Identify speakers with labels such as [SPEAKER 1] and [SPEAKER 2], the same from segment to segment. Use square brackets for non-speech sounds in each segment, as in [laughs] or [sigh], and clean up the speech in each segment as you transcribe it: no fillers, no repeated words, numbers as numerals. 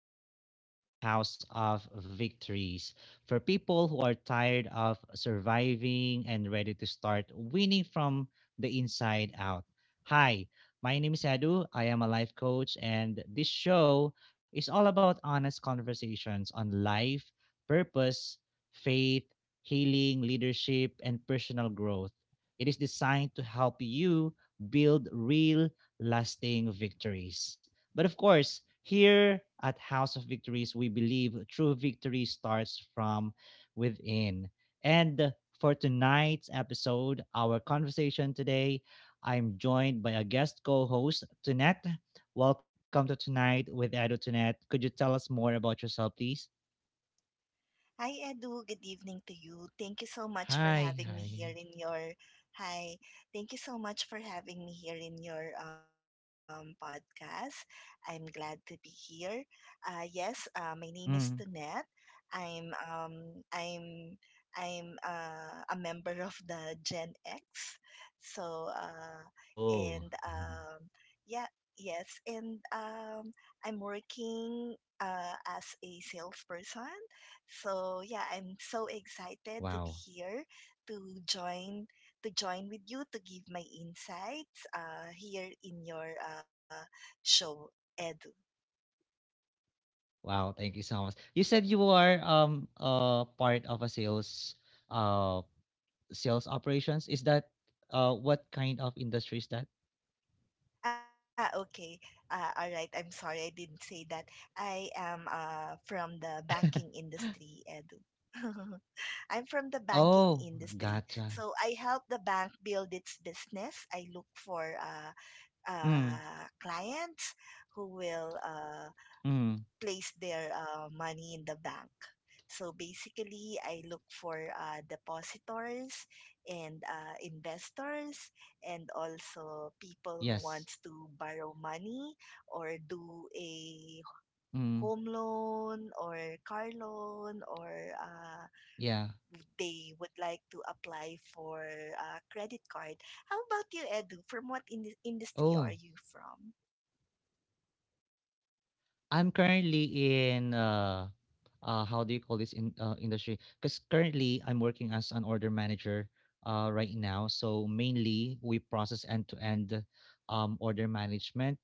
[SPEAKER 1] a podcast of House of Victories for people who are tired of surviving and ready to start winning from the inside out. Hi, my name is Edu. I am a life coach, and this show is all about honest conversations on life, purpose, faith, healing, leadership, and personal growth. It is designed to help you build real, lasting victories. But of course, here at House of Victories, we believe true victory starts from within. And for tonight's episode, our conversation today, I'm joined by a guest co host, Tunette. Welcome to Tonight with Edo Tunette. Could you tell us more about yourself, please?
[SPEAKER 2] Hi, Edu. Good evening to you. Thank you so much
[SPEAKER 1] Hi,
[SPEAKER 2] for having
[SPEAKER 1] hi.
[SPEAKER 2] me here in your Hi. Thank you so much for having me here in your podcast. I'm glad to be here. Yes, my name is
[SPEAKER 1] Mm.
[SPEAKER 2] Tunette. I'm I'm a member of the Gen X. So and
[SPEAKER 1] Oh, [laughs]
[SPEAKER 2] yeah, yes, and I'm working as a salesperson so yeah, I'm so
[SPEAKER 1] wow.
[SPEAKER 2] excited to be here to join to join with you to give my insights here in your show Edu.
[SPEAKER 1] Wow, thank you so much. You said you are part of a sales uh sales operations? Is that what kind of industry is that?
[SPEAKER 2] Ah, okay. All right. I'm sorry I didn't say that. I am from the
[SPEAKER 1] [laughs]
[SPEAKER 2] banking industry, Edu. [laughs] I'm from the banking
[SPEAKER 1] Oh,
[SPEAKER 2] industry. So
[SPEAKER 1] gotcha.
[SPEAKER 2] I help the bank build its business. I look for
[SPEAKER 1] Mm,
[SPEAKER 2] clients who will
[SPEAKER 1] mm,
[SPEAKER 2] place their money in the bank. So basically, I look for depositors and investors, and also people who wants
[SPEAKER 1] yes.
[SPEAKER 2] to borrow money or do a home
[SPEAKER 1] Mm,
[SPEAKER 2] loan or car loan, or uh,
[SPEAKER 1] yeah.
[SPEAKER 2] they would like to apply for a credit card. How about you, Edu? From what industry are you
[SPEAKER 1] Oh,
[SPEAKER 2] from?
[SPEAKER 1] I'm currently in how do you call this in industry? Because currently I'm working as an order manager right now. So mainly we process end to end order management.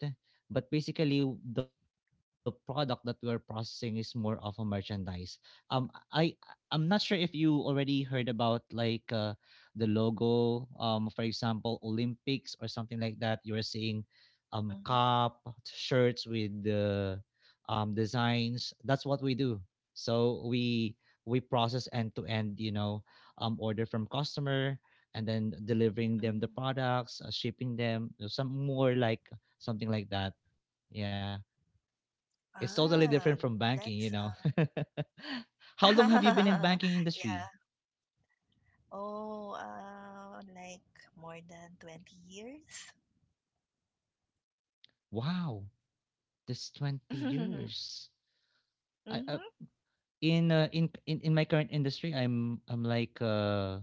[SPEAKER 1] But basically the product that we're processing is more of a merchandise. Um I I- I'm not sure if you already heard about like the logo, for example, Olympics or something like that. You are seeing
[SPEAKER 2] Mhm.
[SPEAKER 1] cup shirts with the designs. That's what we do. So we process end to end, you know, order from customer and then delivering them the
[SPEAKER 2] Mm.
[SPEAKER 1] products, shipping them, some more like something like that. Yeah, it's totally different from
[SPEAKER 2] Ah,
[SPEAKER 1] banking, you know.
[SPEAKER 2] that's
[SPEAKER 1] [laughs] How long have you been in banking
[SPEAKER 2] [laughs]
[SPEAKER 1] industry?
[SPEAKER 2] yeah. Oh, like more than 20 years.
[SPEAKER 1] Wow, that's twenty
[SPEAKER 2] [laughs]
[SPEAKER 1] years. I, uh,
[SPEAKER 2] Mm-hmm.
[SPEAKER 1] in in my current industry, I'm like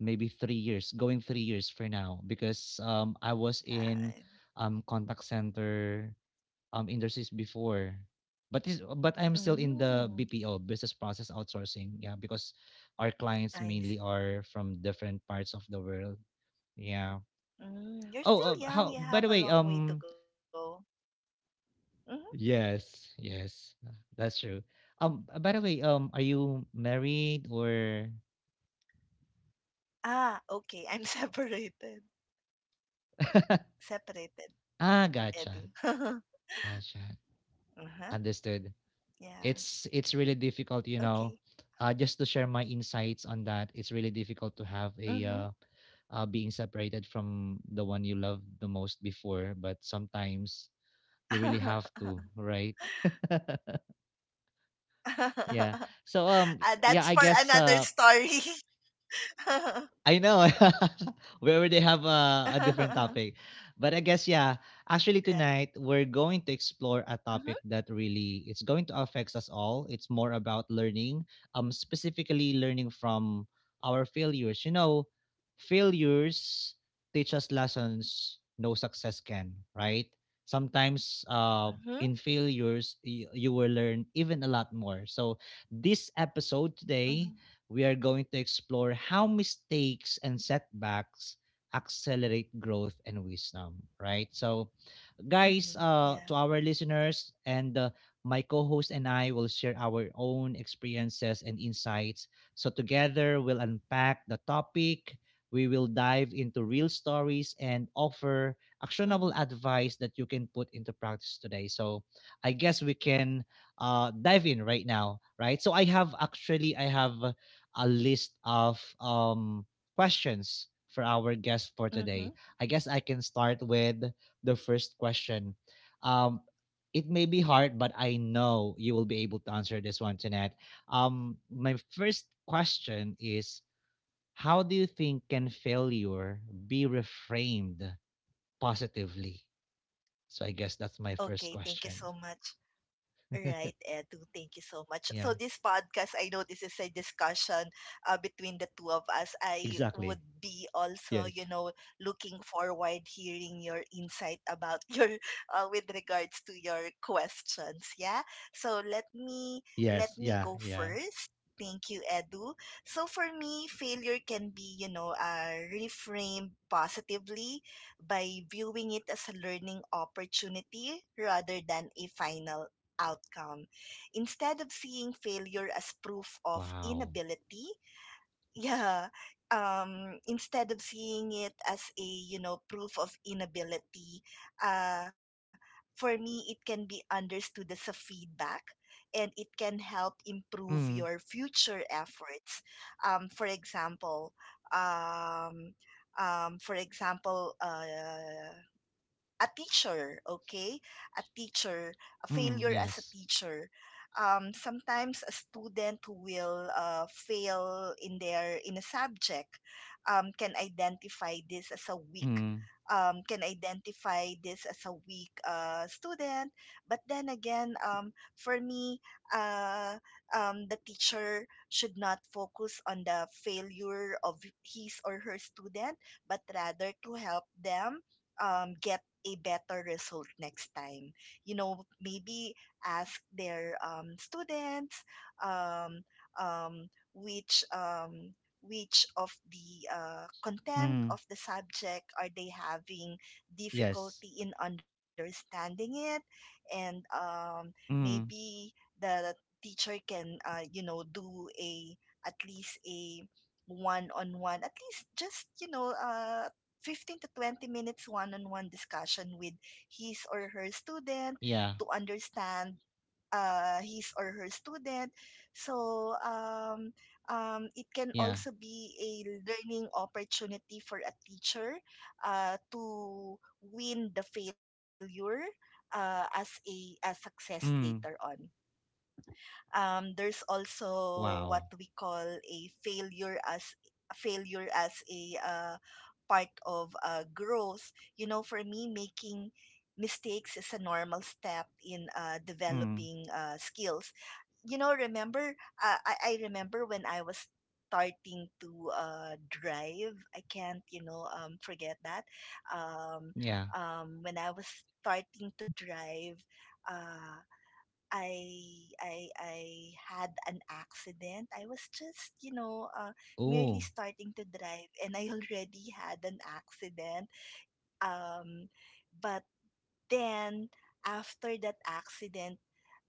[SPEAKER 1] maybe 3 years, going 3 years for now because I was
[SPEAKER 2] I,
[SPEAKER 1] in contact center industries before. But this, but I'm still in the
[SPEAKER 2] mm,
[SPEAKER 1] BPO business process outsourcing, yeah, because our clients
[SPEAKER 2] I see.
[SPEAKER 1] mainly are from different parts of the world. Yeah.
[SPEAKER 2] Mm, you're
[SPEAKER 1] Oh,
[SPEAKER 2] still
[SPEAKER 1] how
[SPEAKER 2] young. You
[SPEAKER 1] by
[SPEAKER 2] have
[SPEAKER 1] the
[SPEAKER 2] a
[SPEAKER 1] way,
[SPEAKER 2] long way to go. Mm-hmm.
[SPEAKER 1] yes, yes. That's true. By the way, are you married or
[SPEAKER 2] Ah, okay. I'm [laughs] separated. Separated, Edu.
[SPEAKER 1] Ah,
[SPEAKER 2] [laughs]
[SPEAKER 1] gotcha. Gotcha.
[SPEAKER 2] Uh-huh.
[SPEAKER 1] Understood.
[SPEAKER 2] Yeah.
[SPEAKER 1] It's really difficult,
[SPEAKER 2] Okay.
[SPEAKER 1] you know, just to share my insights on that, it's really difficult to have
[SPEAKER 2] Mm-hmm.
[SPEAKER 1] a being separated from the one you love the most before, but sometimes you really
[SPEAKER 2] [laughs]
[SPEAKER 1] have to, right? [laughs]
[SPEAKER 2] uh,
[SPEAKER 1] Yeah. So
[SPEAKER 2] that's for
[SPEAKER 1] yeah, i
[SPEAKER 2] another
[SPEAKER 1] guess uh
[SPEAKER 2] story. [laughs] Right.
[SPEAKER 1] I know. [laughs] We already have a different topic. But I guess, yeah, actually tonight we're going to explore a
[SPEAKER 2] Mm-hmm.
[SPEAKER 1] topic that really it's going to affect us all. It's more about learning, specifically learning from our failures. You know, failures teach us lessons no success can, right? Sometimes
[SPEAKER 2] Mm-hmm.
[SPEAKER 1] in failures you, you will learn even a lot more. So this episode
[SPEAKER 2] Mm-hmm.
[SPEAKER 1] today we are going to explore how mistakes and setbacks accelerate growth and wisdom, right? So,
[SPEAKER 2] Mm-hmm.
[SPEAKER 1] guys,
[SPEAKER 2] Yeah.
[SPEAKER 1] to our listeners and my co-host and I will share our own experiences and insights. So together we'll unpack the topic. We will dive into real stories and offer actionable
[SPEAKER 2] Mm-hmm.
[SPEAKER 1] advice that you can put into practice today. So I guess we can dive in right now, right? So I have actually I have a list of questions for our guest for
[SPEAKER 2] Mm-hmm.
[SPEAKER 1] today. I guess I can start with the first question. Um, it may be hard, but I know you will be able to answer this one, Jeanette. My first question is, how do you think can failure be reframed positively? So I guess that's my first
[SPEAKER 2] Okay. Thank you
[SPEAKER 1] question.
[SPEAKER 2] so much. Right, Edu. Thank you so much.
[SPEAKER 1] Yeah,
[SPEAKER 2] So this podcast, I know this is a discussion between the two of us. I would
[SPEAKER 1] exactly.
[SPEAKER 2] be also, you
[SPEAKER 1] Yes.
[SPEAKER 2] know, looking forward hearing your insight about [laughs] your with regards to your questions. Yeah. So
[SPEAKER 1] Yes. Yeah. Yeah.
[SPEAKER 2] let me go first. Thank you, Edu. So for me, failure can be, you know, reframed positively by viewing it as a learning opportunity rather than a final outcome. Instead of seeing failure as
[SPEAKER 1] Wow.
[SPEAKER 2] proof of inability, [laughs] yeah, instead of seeing it as a, you know, proof of inability, uh, for me, it can be understood as a feedback and it can help improve
[SPEAKER 1] Mm.
[SPEAKER 2] your future efforts. Um, for example, um, for example, a teacher, okay? A teacher,
[SPEAKER 1] Mm.
[SPEAKER 2] a
[SPEAKER 1] Yes.
[SPEAKER 2] failure as a teacher. Sometimes a student who will fail in their in a subject um, can identify this as a
[SPEAKER 1] Mm.
[SPEAKER 2] weak can identify this as a weak student. But then again, for me, uh, the teacher should not focus on the failure of his or her student, but rather to help them get a better result next time. You know, maybe ask their students, um, um, which um, which of the
[SPEAKER 1] Mm.
[SPEAKER 2] content of the subject are they having
[SPEAKER 1] Yes.
[SPEAKER 2] difficulty in understanding it, and
[SPEAKER 1] Mm.
[SPEAKER 2] maybe the teacher can you know, do a at least a one on one, at least just you know 15 to 20 minutes one-on-one discussion with his or her
[SPEAKER 1] Yeah.
[SPEAKER 2] student to understand his or her student. So
[SPEAKER 1] Yeah.
[SPEAKER 2] it can also be a learning opportunity for a teacher to win the failure as
[SPEAKER 1] Mm.
[SPEAKER 2] a success later on. There's
[SPEAKER 1] Wow.
[SPEAKER 2] also what we call a failure as a part of growth. You know, for me, making mistakes is a normal step in
[SPEAKER 1] Mm.
[SPEAKER 2] developing skills. You know, remember, I remember when I was starting to drive. I can't, you know, forget that.
[SPEAKER 1] Yeah.
[SPEAKER 2] Um, when I was starting to drive, uh, I I had an accident. I was just, you know,
[SPEAKER 1] Oh,
[SPEAKER 2] merely starting to drive [laughs] and I already had an accident. Um but then after that accident,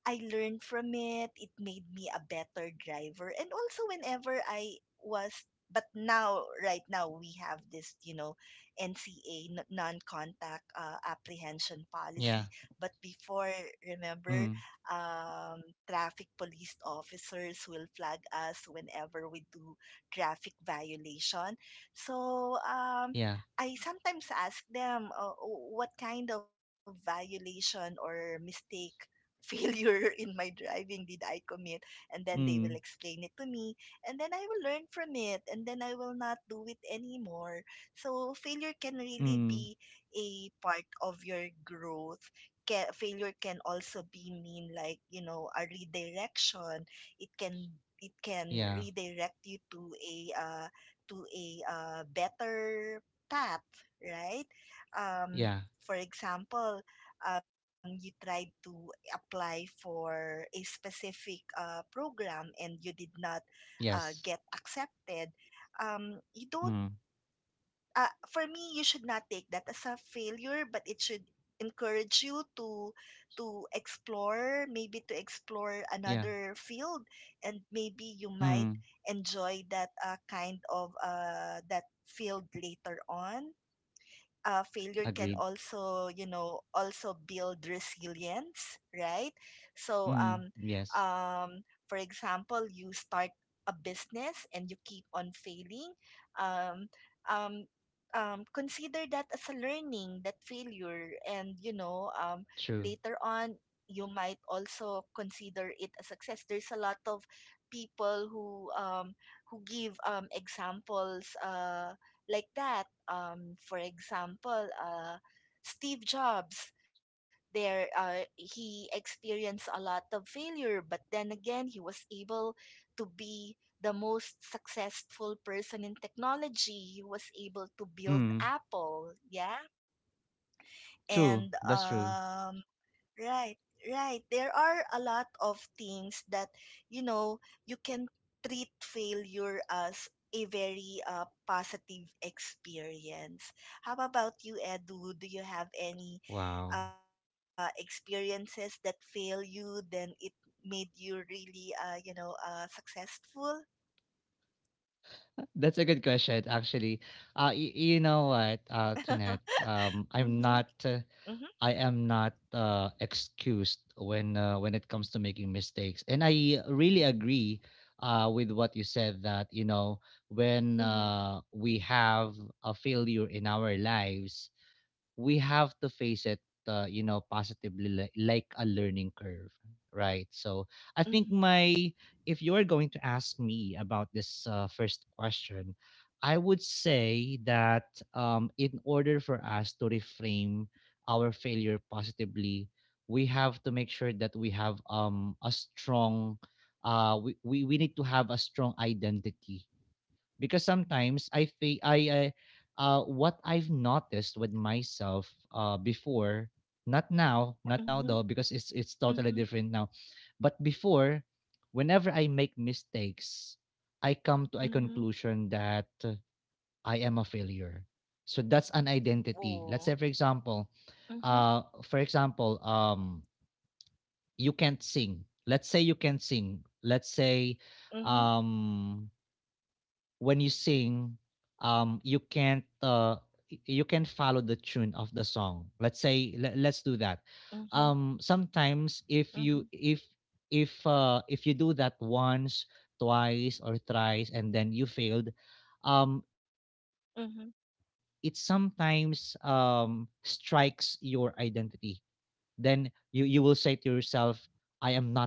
[SPEAKER 2] I learned from it. It made me a better driver. And also whenever I was but now right now we have this, you know, NCA non-contact apprehension
[SPEAKER 1] yeah.
[SPEAKER 2] policy, but before,
[SPEAKER 1] Mm,
[SPEAKER 2] remember traffic police officers will flag us whenever we do traffic violation. So,
[SPEAKER 1] yeah.
[SPEAKER 2] I sometimes ask them what kind of violation or mistake failure [laughs] in my driving did I commit? And then
[SPEAKER 1] Mm,
[SPEAKER 2] they will explain it to me, and then I will learn from it, and then I will not do it anymore. So failure can really
[SPEAKER 1] mm,
[SPEAKER 2] be a part of your growth. Ca Failure can also be mean like you know a redirection. It can it
[SPEAKER 1] yeah.
[SPEAKER 2] can redirect you to a better path, right?
[SPEAKER 1] Yeah.
[SPEAKER 2] Um, for example, you tried to apply for a specific program and you did not
[SPEAKER 1] Yes.
[SPEAKER 2] get accepted, you don't,
[SPEAKER 1] Mm,
[SPEAKER 2] for me, you should not take that as a failure, but it should encourage you to explore maybe to explore
[SPEAKER 1] yeah.
[SPEAKER 2] another field and maybe you
[SPEAKER 1] Mm,
[SPEAKER 2] might enjoy that that field later on. Failure
[SPEAKER 1] agreed.
[SPEAKER 2] can also, you know, also build resilience, right? So
[SPEAKER 1] Mm, yes.
[SPEAKER 2] um, for example, you start a business and you keep on failing, um, um, consider that as a learning that failure, and you know
[SPEAKER 1] True.
[SPEAKER 2] later on you might also consider it a success. There's a lot of people who give examples like that. For example, Steve Jobs. There, he experienced a lot of failure, but then again, he was able to be the most successful person in technology. He was able to build
[SPEAKER 1] Mm,
[SPEAKER 2] Apple, yeah,
[SPEAKER 1] true.
[SPEAKER 2] and
[SPEAKER 1] That's true.
[SPEAKER 2] right, right. There are a lot of things that, you know, you can treat failure as a very positive experience. How about you, Edu? Do you have any
[SPEAKER 1] Wow.
[SPEAKER 2] experiences that fail you, then it made you really, you know, successful?
[SPEAKER 1] [laughs] That's a good question, actually. You know what,
[SPEAKER 2] [laughs]
[SPEAKER 1] Tunette?
[SPEAKER 2] Mm-hmm, mm-hmm,
[SPEAKER 1] I am not excused when it comes to making mistakes, and I really agree with what you said that you know when
[SPEAKER 2] mm-hmm,
[SPEAKER 1] we have a failure in our lives, we have to face it, you know, positively like a learning curve, right? so i think
[SPEAKER 2] mm-hmm,
[SPEAKER 1] my If you are going to ask me about this first question, I would say that, in order for us to reframe our failure positively, we have to make sure that we have a strong we need to have a strong identity, because sometimes I think I uh, what I've noticed with myself before, not now,
[SPEAKER 2] mm-hmm,
[SPEAKER 1] though, because it's totally
[SPEAKER 2] mm-hmm,
[SPEAKER 1] different now. But before, whenever I make mistakes, I come to a
[SPEAKER 2] mm-hmm.
[SPEAKER 1] conclusion that, I am a failure. So that's an identity. Let's say
[SPEAKER 2] Oh,
[SPEAKER 1] for example,
[SPEAKER 2] mm-hmm,
[SPEAKER 1] uh for example um you can't sing, let's say, you can sing, let's say,
[SPEAKER 2] mm-hmm,
[SPEAKER 1] um, when you sing, you can't you can follow the tune of the song. Let's say let's do that.
[SPEAKER 2] mm-hmm,
[SPEAKER 1] Sometimes if you do that once, twice, or thrice, and then you failed, um, it
[SPEAKER 2] mm-hmm.
[SPEAKER 1] sometimes strikes your identity. Then you will say to yourself, "I am not a good singer."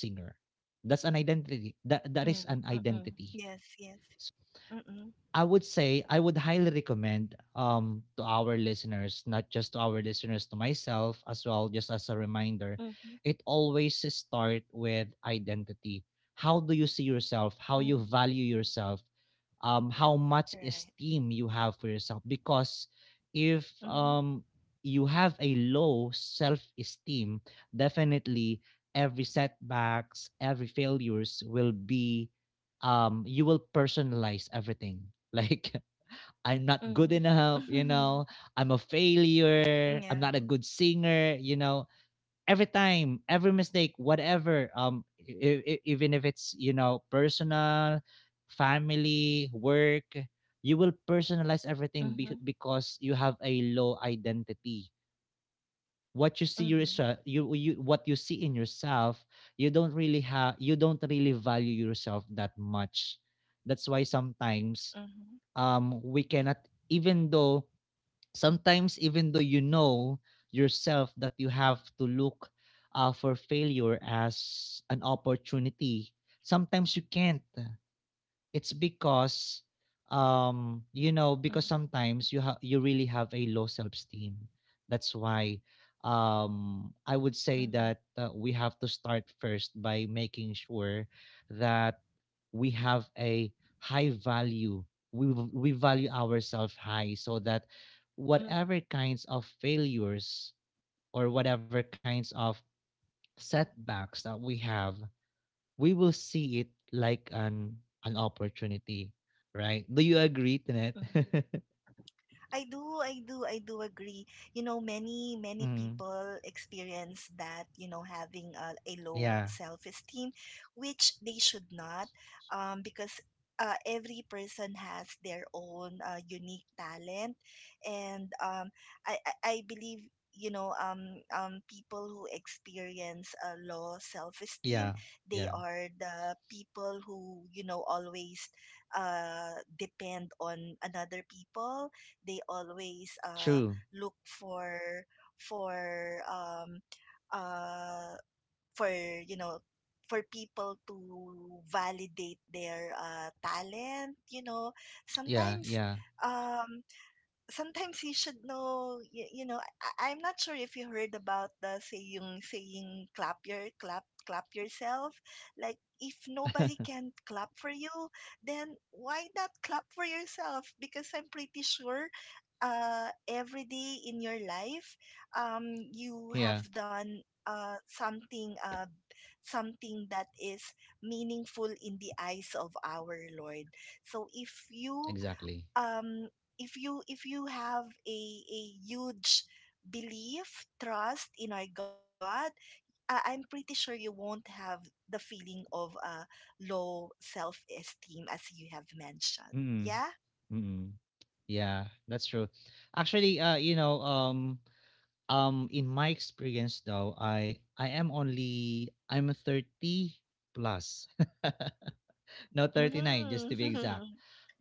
[SPEAKER 1] That's an identity. That is an
[SPEAKER 2] Mm,
[SPEAKER 1] identity.
[SPEAKER 2] mm.
[SPEAKER 1] So I
[SPEAKER 2] Yes,
[SPEAKER 1] would
[SPEAKER 2] yes.
[SPEAKER 1] say,
[SPEAKER 2] Mm,
[SPEAKER 1] I would highly recommend, um, to our listeners, not just to our listeners, to myself as well, just as a reminder,
[SPEAKER 2] mhm,
[SPEAKER 1] it always start with identity. How do you see yourself? How you
[SPEAKER 2] mhm.
[SPEAKER 1] value yourself? How much
[SPEAKER 2] Right.
[SPEAKER 1] esteem you have for yourself? Because if
[SPEAKER 2] Mhm,
[SPEAKER 1] you have a low self-esteem, definitely every setbacks, every failures will be, um, you will personalize everything, [laughs] like, I'm not good
[SPEAKER 2] mhm.
[SPEAKER 1] enough, you
[SPEAKER 2] Mhm,
[SPEAKER 1] know,
[SPEAKER 2] [laughs]
[SPEAKER 1] I'm a failure, I'm
[SPEAKER 2] yeah.
[SPEAKER 1] not a good singer, you know, every time, every mistake, whatever, um, even if it's, you know, personal, family, work, you will personalize everything,
[SPEAKER 2] Mhm,
[SPEAKER 1] because you have a low identity. What you see
[SPEAKER 2] mhm,
[SPEAKER 1] yourself, you what you see in yourself, you don't really value yourself that much. That's why sometimes,
[SPEAKER 2] mhm,
[SPEAKER 1] um, we cannot, even though, sometimes, even though you know yourself that you have to look for failure as an opportunity, sometimes you can't. It's because, you know, because
[SPEAKER 2] mhm,
[SPEAKER 1] sometimes you really have a low self-esteem. That's why, I would say that, we have to start first by making sure that we have a high value. We value ourselves high, so that
[SPEAKER 2] mhm,
[SPEAKER 1] whatever kinds of failures or whatever kinds of setbacks that we have, we will see it like an opportunity, right? Do you agree, Tenet?
[SPEAKER 2] mhm.
[SPEAKER 1] [laughs]
[SPEAKER 2] I do, I do, I do agree. You know, many, many
[SPEAKER 1] Mm,
[SPEAKER 2] people experience that, you know, having a low
[SPEAKER 1] yeah,
[SPEAKER 2] self esteem, which they should not, because every person has their own unique talent. And I believe, you know, people who experience a low self esteem,
[SPEAKER 1] yeah,
[SPEAKER 2] they
[SPEAKER 1] yeah.
[SPEAKER 2] are the people who, you know, always depend on another people. They always
[SPEAKER 1] True.
[SPEAKER 2] look for for um uh for you know, for people to validate their talent, you know, sometimes
[SPEAKER 1] Yeah, yeah,
[SPEAKER 2] um you should know, you know, I'm not sure if you heard about the saying, saying clap yourself. Like if nobody
[SPEAKER 1] [laughs]
[SPEAKER 2] can clap for you, then why not clap for yourself? Because I'm pretty sure every day in your life you have
[SPEAKER 1] yeah.
[SPEAKER 2] done something that is meaningful in the eyes of our Lord. So
[SPEAKER 1] Exactly.
[SPEAKER 2] um if you have a huge belief, trust in our God, I'm pretty sure you won't have the feeling of low self-esteem as you have mentioned,
[SPEAKER 1] Mm,
[SPEAKER 2] yeah.
[SPEAKER 1] mm. Yeah, that's true. Actually, you know, in my experience though, I am only I'm a 30 plus, [laughs] no, 39 just to be exact.
[SPEAKER 2] Mm-hmm. [laughs]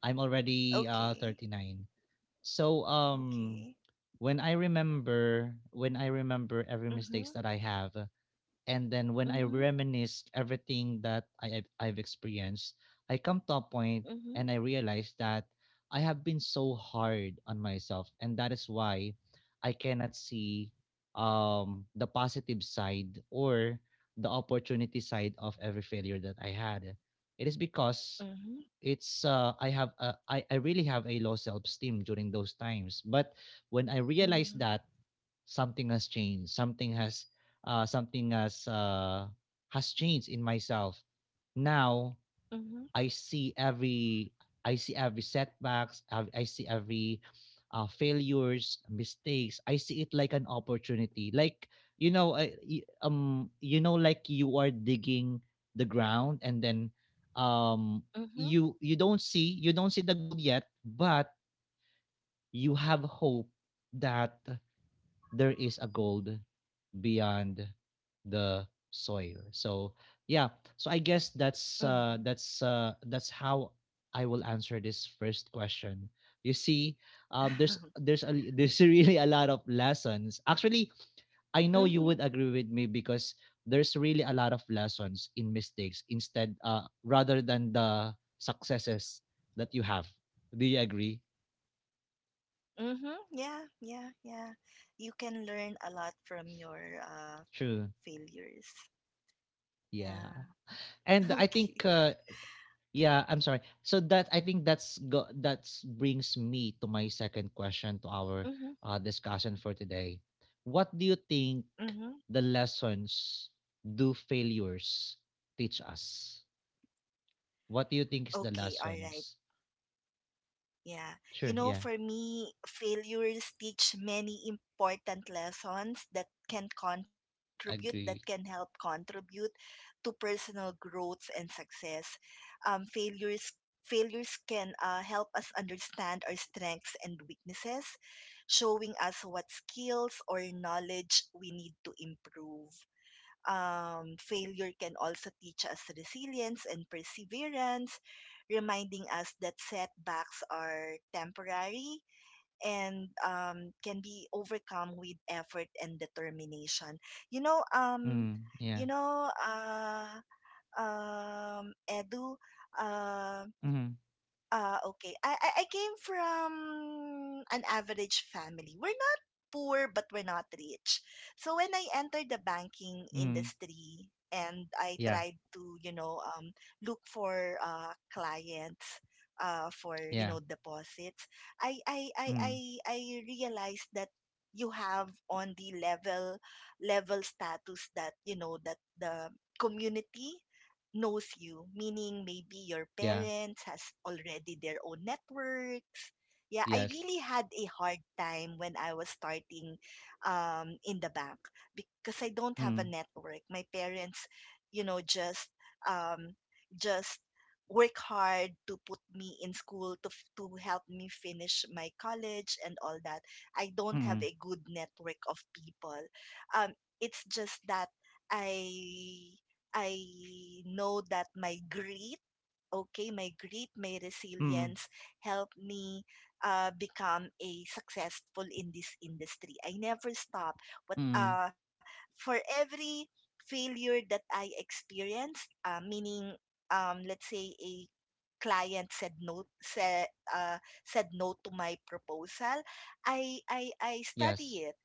[SPEAKER 1] I'm already
[SPEAKER 2] Okay.
[SPEAKER 1] 39. So um,
[SPEAKER 2] Okay.
[SPEAKER 1] when I remember every mistakes that
[SPEAKER 2] Mm-hmm.
[SPEAKER 1] I have, and then when I
[SPEAKER 2] Mm-hmm.
[SPEAKER 1] reminisce everything that I've experienced, I come to a point and
[SPEAKER 2] Mm-hmm.
[SPEAKER 1] I realize that I have been so hard on myself, and that is why I cannot see the positive side or the opportunity side of every failure that I had. It is because it's I have a, I really have a low self esteem during those times. But when I realized
[SPEAKER 2] Mm-hmm.
[SPEAKER 1] that something has changed, something has uh, something has uh, has changed in myself. Now
[SPEAKER 2] Mm-hmm.
[SPEAKER 1] I see every, setbacks. I see every failures, mistakes. I see it like an opportunity. Like, you know, you know, like you are digging the ground, and then um,
[SPEAKER 2] Mm-hmm.
[SPEAKER 1] you don't see the gold yet, but you have hope that there is a gold beyond the soil. So yeah, so I guess
[SPEAKER 2] Mm-hmm.
[SPEAKER 1] that's that's how I will answer this first question. You see, [laughs] there's really a lot of lessons. Actually, I know you
[SPEAKER 2] Mm-hmm. [laughs]
[SPEAKER 1] would agree with me because there's really a lot of lessons in mistakes instead, rather than the successes that you have. Do you agree?
[SPEAKER 2] Mm-hmm. Yeah, yeah, yeah. You can learn a lot from your
[SPEAKER 1] True.
[SPEAKER 2] failures. Yeah.
[SPEAKER 1] Yeah.
[SPEAKER 2] [laughs]
[SPEAKER 1] And I
[SPEAKER 2] Okay.
[SPEAKER 1] think yeah, I'm sorry. So that, I think that's go that's brings me to my second question to our
[SPEAKER 2] Mm-hmm.
[SPEAKER 1] discussion for today. What do you think
[SPEAKER 2] Mm-hmm.
[SPEAKER 1] the lessons do failures teach us? What do you think is the
[SPEAKER 2] Okay. All right.
[SPEAKER 1] lessons?
[SPEAKER 2] Yeah. You
[SPEAKER 1] Sure.
[SPEAKER 2] know,
[SPEAKER 1] Yeah.
[SPEAKER 2] for me, failures teach many important lessons that can contribute, that can
[SPEAKER 1] Agree.
[SPEAKER 2] help contribute to personal growth and success. Um, failures failures can help us understand our strengths and weaknesses, showing us what skills or knowledge we need to improve. Failure can also teach us resilience and perseverance, reminding us that setbacks are temporary and can be overcome with effort and determination. You know,
[SPEAKER 1] Mm,
[SPEAKER 2] you
[SPEAKER 1] yeah.
[SPEAKER 2] know, uh, Edu, um
[SPEAKER 1] Mm,
[SPEAKER 2] okay. I came from an average family. We're not poor, but we're not rich. So when I entered the banking
[SPEAKER 1] mm,
[SPEAKER 2] industry and I
[SPEAKER 1] yeah.
[SPEAKER 2] tried to, you know, look for clients for, you know,
[SPEAKER 1] Yeah.
[SPEAKER 2] deposits, I, I, I,
[SPEAKER 1] Mm,
[SPEAKER 2] I, I realized that you have on the level status that, you know, that the community knows you, meaning maybe your
[SPEAKER 1] yeah.
[SPEAKER 2] parents has already their own networks. Yeah, I really
[SPEAKER 1] Yes.
[SPEAKER 2] had a hard time when I was starting in the bank because I don't have a
[SPEAKER 1] Mm,
[SPEAKER 2] network. My parents, you know, um, just work hard to put me in school to to help me finish my college and all that. I don't have
[SPEAKER 1] mm,
[SPEAKER 2] a good network of people. Um, it's just that I I know that my grit, okay, my grit, my
[SPEAKER 1] mm,
[SPEAKER 2] resilience helped me become a successful in this industry. I never stop. But
[SPEAKER 1] mm,
[SPEAKER 2] uh, for every failure that I experienced, meaning let's say a client said no to my proposal. I study
[SPEAKER 1] yes.
[SPEAKER 2] it.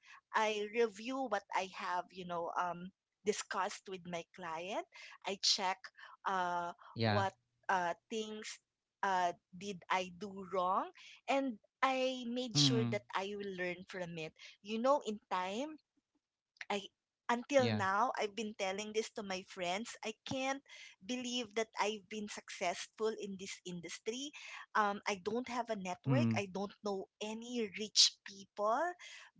[SPEAKER 2] I review what I have, discussed with my client. I check
[SPEAKER 1] Yeah.
[SPEAKER 2] uh what things did I do wrong, and I made sure
[SPEAKER 1] Mm,
[SPEAKER 2] that I will learn from it, you know, in time. I until
[SPEAKER 1] yeah.
[SPEAKER 2] now I've been telling this to my friends. I can't believe that I've been successful in this industry. I don't have a
[SPEAKER 1] Mm,
[SPEAKER 2] network. I don't know any rich people,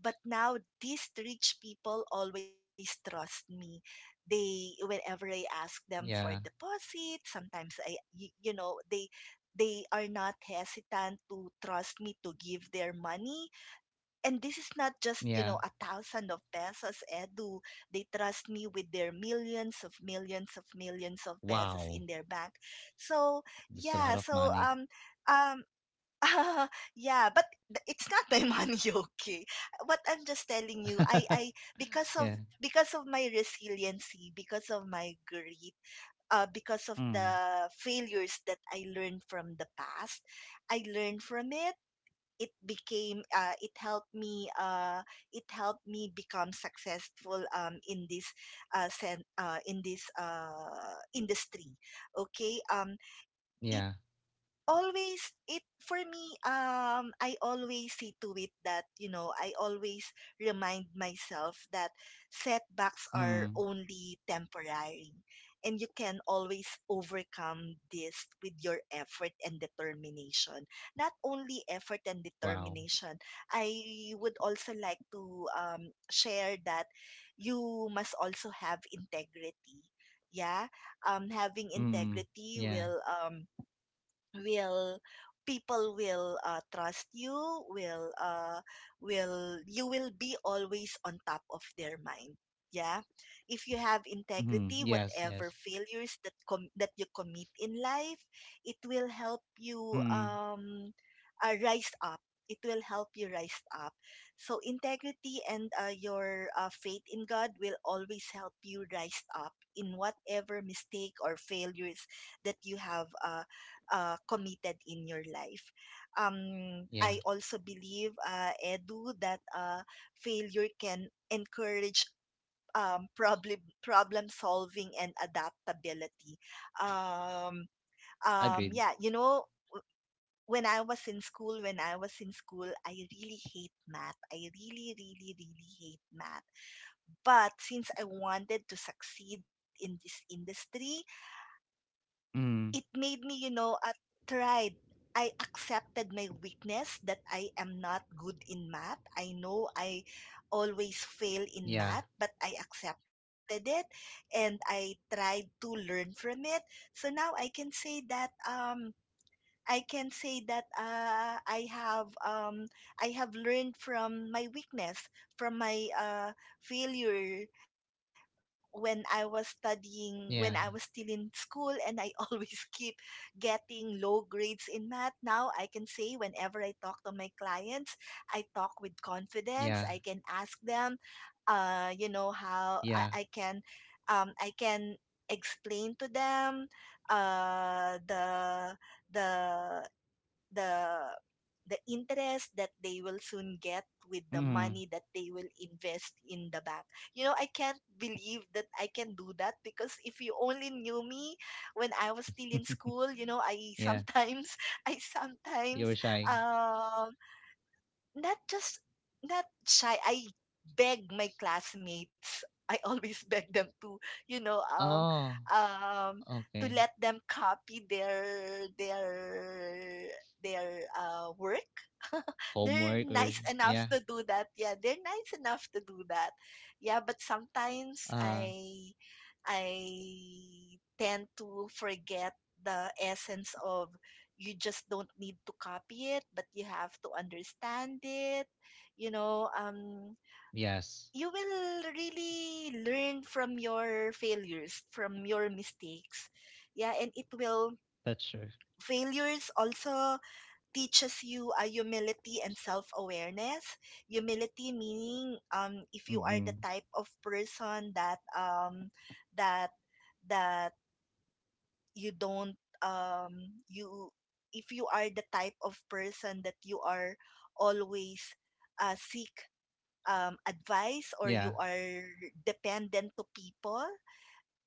[SPEAKER 2] but now these rich people always trust me. They whenever I ask them for
[SPEAKER 1] yeah.
[SPEAKER 2] deposit, sometimes I y- you know, they are not hesitant to trust me to give their money, and this is not just, you
[SPEAKER 1] Yeah.
[SPEAKER 2] know, a thousand of pesos, Edu. They trust me with their millions of millions of millions of pesos
[SPEAKER 1] Wow,
[SPEAKER 2] in their bank. so
[SPEAKER 1] that's a lot
[SPEAKER 2] yeah
[SPEAKER 1] of
[SPEAKER 2] so
[SPEAKER 1] money.
[SPEAKER 2] um um [laughs] yeah, it's not my money. [laughs] Okay, what I'm just telling you, I,
[SPEAKER 1] [laughs]
[SPEAKER 2] because of,
[SPEAKER 1] Yeah.
[SPEAKER 2] because of my resiliency, because of my grit, because of
[SPEAKER 1] Mm.
[SPEAKER 2] the failures that I learned from the past, I learned from it. It became, it helped me, it helped me become successful, in this in this industry. Okay. It
[SPEAKER 1] Yeah.
[SPEAKER 2] always it For me, I always see to it that, you know, I always remind myself that setbacks are
[SPEAKER 1] Mm.
[SPEAKER 2] only temporary, and you can always overcome this with your effort and determination. Not only effort and
[SPEAKER 1] Wow.
[SPEAKER 2] determination, I would also like to share that you must also have integrity. Yeah. Having
[SPEAKER 1] Mm.
[SPEAKER 2] integrity
[SPEAKER 1] Yeah.
[SPEAKER 2] will, will people will trust you, will you will be always on top of their mind. Yeah. If you have
[SPEAKER 1] Mhm.
[SPEAKER 2] integrity,
[SPEAKER 1] Yes,
[SPEAKER 2] whatever
[SPEAKER 1] yes.
[SPEAKER 2] failures that that you commit in life, it will help you,
[SPEAKER 1] Mm.
[SPEAKER 2] rise up. It will help you rise up. So integrity and your faith in God will always help you rise up in whatever mistake or failures that you have, committed in your life.
[SPEAKER 1] Yeah.
[SPEAKER 2] I also believe, Edu, that failure can encourage, problem solving and adaptability. Um,
[SPEAKER 1] Agreed.
[SPEAKER 2] yeah, you know, when I was in school, I really hate math. I really, really, really hate math. But since I wanted to succeed in this industry, it
[SPEAKER 1] Mm.
[SPEAKER 2] made me, you know, tried. I accepted my weakness, that I am not good in math. I know I always fail in
[SPEAKER 1] Yeah.
[SPEAKER 2] math, but I accepted it and I tried to learn from it. So now I can say that, I have, I have learned from my weakness, from my failure when I was studying, when I was still
[SPEAKER 1] Yeah.
[SPEAKER 2] in school, and I [laughs] always keep getting low grades in math. Now I can say, whenever I talk to my clients, I talk with confidence.
[SPEAKER 1] Yeah.
[SPEAKER 2] I can ask them, you know, how
[SPEAKER 1] Yeah.
[SPEAKER 2] I, I can, um, I can explain to them, the, the the interest that they will soon get with the
[SPEAKER 1] Mm.
[SPEAKER 2] money that they will invest in the bank. You know, I can't believe that I can do that, because if you only knew me when I was
[SPEAKER 1] [laughs]
[SPEAKER 2] still in school, you know,
[SPEAKER 1] Yeah.
[SPEAKER 2] I sometimes [laughs] I
[SPEAKER 1] You were
[SPEAKER 2] sometimes,
[SPEAKER 1] shy.
[SPEAKER 2] um not just, not shy. I beg my classmates. I [laughs] always beg them to, you know,
[SPEAKER 1] Oh, okay.
[SPEAKER 2] um, to let them copy their work. [laughs]
[SPEAKER 1] Homework
[SPEAKER 2] They're
[SPEAKER 1] or
[SPEAKER 2] nice
[SPEAKER 1] yeah.
[SPEAKER 2] enough to do that. Yeah, they're nice enough to do that. Yeah, but sometimes
[SPEAKER 1] Uh,
[SPEAKER 2] I tend to forget the essence of, you just don't need to copy it, but you have to understand it. You know,
[SPEAKER 1] yes.
[SPEAKER 2] you will really learn from your failures, from your mistakes. Yeah, and
[SPEAKER 1] That's true.
[SPEAKER 2] failures also teaches you a humility and self awareness. Humility meaning, if you are the
[SPEAKER 1] Mm-mm.
[SPEAKER 2] type of person that, that, that you don't, um you if you are the type of person that you are always seek advice, or you
[SPEAKER 1] Yeah.
[SPEAKER 2] are dependent to people.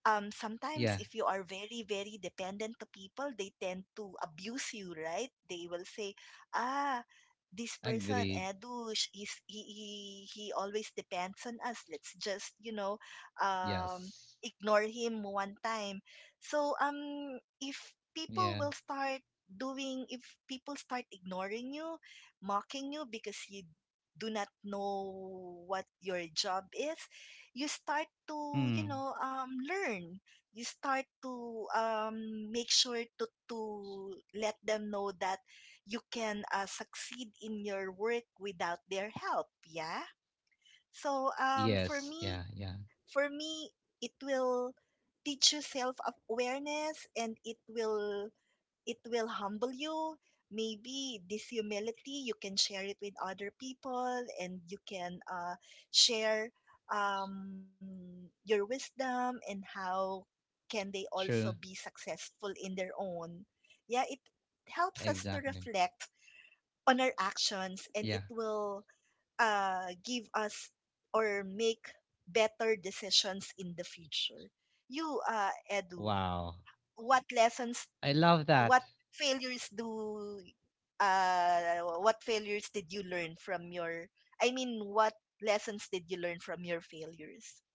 [SPEAKER 2] Sometimes
[SPEAKER 1] Yeah.
[SPEAKER 2] if you are very very dependent to people, they tend to abuse you, right? They will say, ah, this person,
[SPEAKER 1] Agreed.
[SPEAKER 2] Edu, he he always depends on us. Let's just, you know, um
[SPEAKER 1] Yes.
[SPEAKER 2] ignore him one time. So if people will
[SPEAKER 1] Yeah.
[SPEAKER 2] start doing, if people start ignoring you, mocking you because you do not know what your job is, you start to, you
[SPEAKER 1] Mm.
[SPEAKER 2] know, learn, you start to make sure to let them know that you can succeed in your work without their help. Yeah. So for
[SPEAKER 1] Yes,
[SPEAKER 2] me,
[SPEAKER 1] yeah, yeah.
[SPEAKER 2] for me, it will teach you self awareness, and it will, it will humble you. Maybe this humility, you can share it with other people, and you can share your wisdom and how can they also be
[SPEAKER 1] True.
[SPEAKER 2] successful in their own. Yeah, it helps us to
[SPEAKER 1] Exactly.
[SPEAKER 2] reflect on our actions, and it
[SPEAKER 1] Yeah.
[SPEAKER 2] will give us, or make better decisions in the future. You, Edu,
[SPEAKER 1] Wow.
[SPEAKER 2] what lessons
[SPEAKER 1] I love
[SPEAKER 2] what
[SPEAKER 1] that.
[SPEAKER 2] failures do what failures did you learn from your I mean, what lessons did you learn from your failures?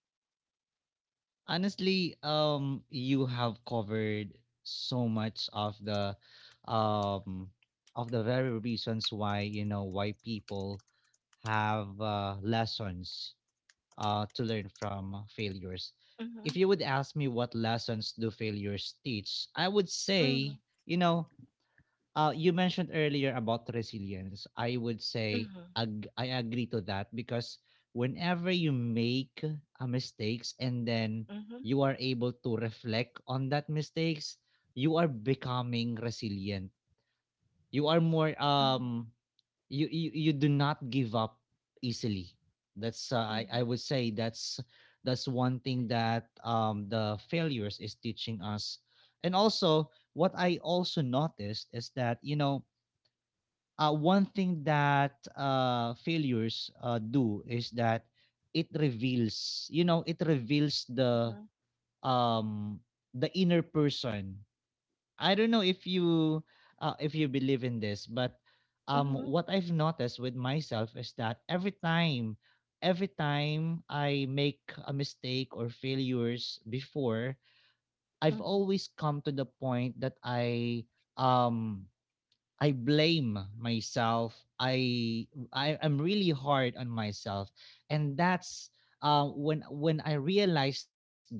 [SPEAKER 1] Honestly, you have covered so much um of the very reasons why, why people have lessons to learn from failures. If
[SPEAKER 2] Mhm.
[SPEAKER 1] you would ask me what lessons do failures teach, I would say,
[SPEAKER 2] Mhm.
[SPEAKER 1] you know, you mentioned earlier about resilience. I would say
[SPEAKER 2] Mhm.
[SPEAKER 1] I agree to that, because whenever you make mistakes, and then
[SPEAKER 2] Mhm.
[SPEAKER 1] you are able to reflect on that mistakes, you are becoming resilient. You are more you do not give up easily. That's I
[SPEAKER 2] Mhm.
[SPEAKER 1] would say that's one thing that the failures is teaching us. And also, what I also noticed is that, one thing that failures do, is that it reveals, it reveals
[SPEAKER 2] Mhm.
[SPEAKER 1] um the inner person. I don't know if you believe in this, but
[SPEAKER 2] Mhm.
[SPEAKER 1] what I've noticed with myself is that every time I make a mistake or failures before, I've
[SPEAKER 2] Mhm.
[SPEAKER 1] always come to the point that um I blame myself. I am really hard on myself, and that's when I realized that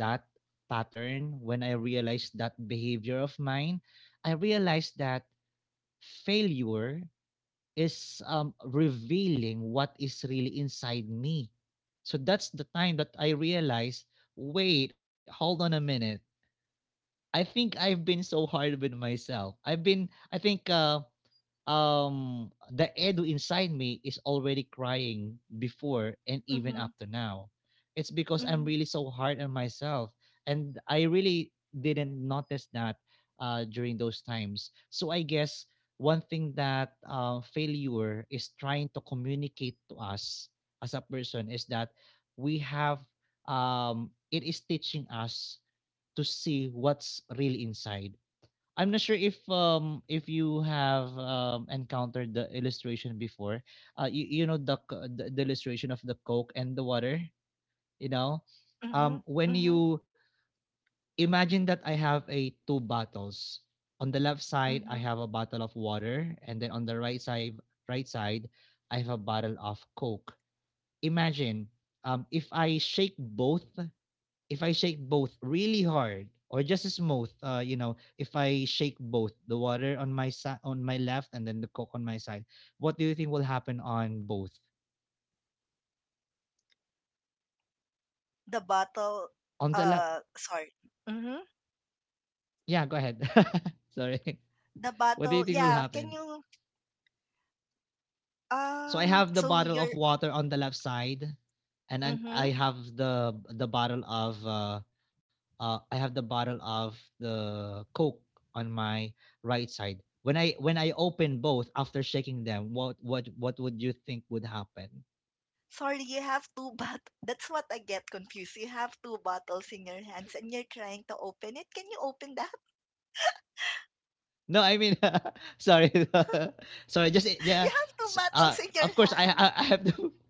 [SPEAKER 1] pattern, when I realized that behavior of mine, I realized that failure is, revealing what is really inside me. So that's the time that I realized. Wait, hold on a minute. I think I've been so hard with myself. I've been. I think. Um the Edu inside me is already crying before and even up
[SPEAKER 2] Mhm.
[SPEAKER 1] to now. It's because I'm
[SPEAKER 2] Mhm.
[SPEAKER 1] really so hard on myself, and I really didn't notice that during those times. So I guess one thing that failure is trying to communicate to us as a person, is that we have it is teaching us to see what's really inside. I'm not sure if if you have encountered the illustration before. You know the illustration of the Coke and the water, you know.
[SPEAKER 2] Mhm.
[SPEAKER 1] When
[SPEAKER 2] Mhm. Mhm.
[SPEAKER 1] you imagine that I have a two bottles. On the left side I
[SPEAKER 2] Mhm.
[SPEAKER 1] have a bottle of water, and then on the right side I have a bottle of Coke. Imagine, um if I shake both if I shake both really hard or just smooth, if I shake both, the water on my side, on my left, and then the Coke on my side, what do you think will happen on both?
[SPEAKER 2] The battle
[SPEAKER 1] On the left?
[SPEAKER 2] Sorry. Mhm.
[SPEAKER 1] Yeah, go ahead. [laughs] Sorry.
[SPEAKER 2] The
[SPEAKER 1] What do you
[SPEAKER 2] battle,
[SPEAKER 1] think will
[SPEAKER 2] yeah, can
[SPEAKER 1] happen?
[SPEAKER 2] you,
[SPEAKER 1] So I have the
[SPEAKER 2] so
[SPEAKER 1] bottle
[SPEAKER 2] your,
[SPEAKER 1] of water on the left side, and then
[SPEAKER 2] mhm.
[SPEAKER 1] I have the bottle of the Coke on my right side. When I open both after shaking them, what would you think would happen?
[SPEAKER 2] Sorry, you have two [laughs] bottles. That's what I get confused. You have two bottles in your hands and you're trying to open it. Can you open that?
[SPEAKER 1] No, I mean, [laughs] sorry, [laughs] sorry. Just
[SPEAKER 2] [laughs]
[SPEAKER 1] yeah.
[SPEAKER 2] You have two bottles in your
[SPEAKER 1] Of course, I
[SPEAKER 2] hand.
[SPEAKER 1] I, I have to. [laughs]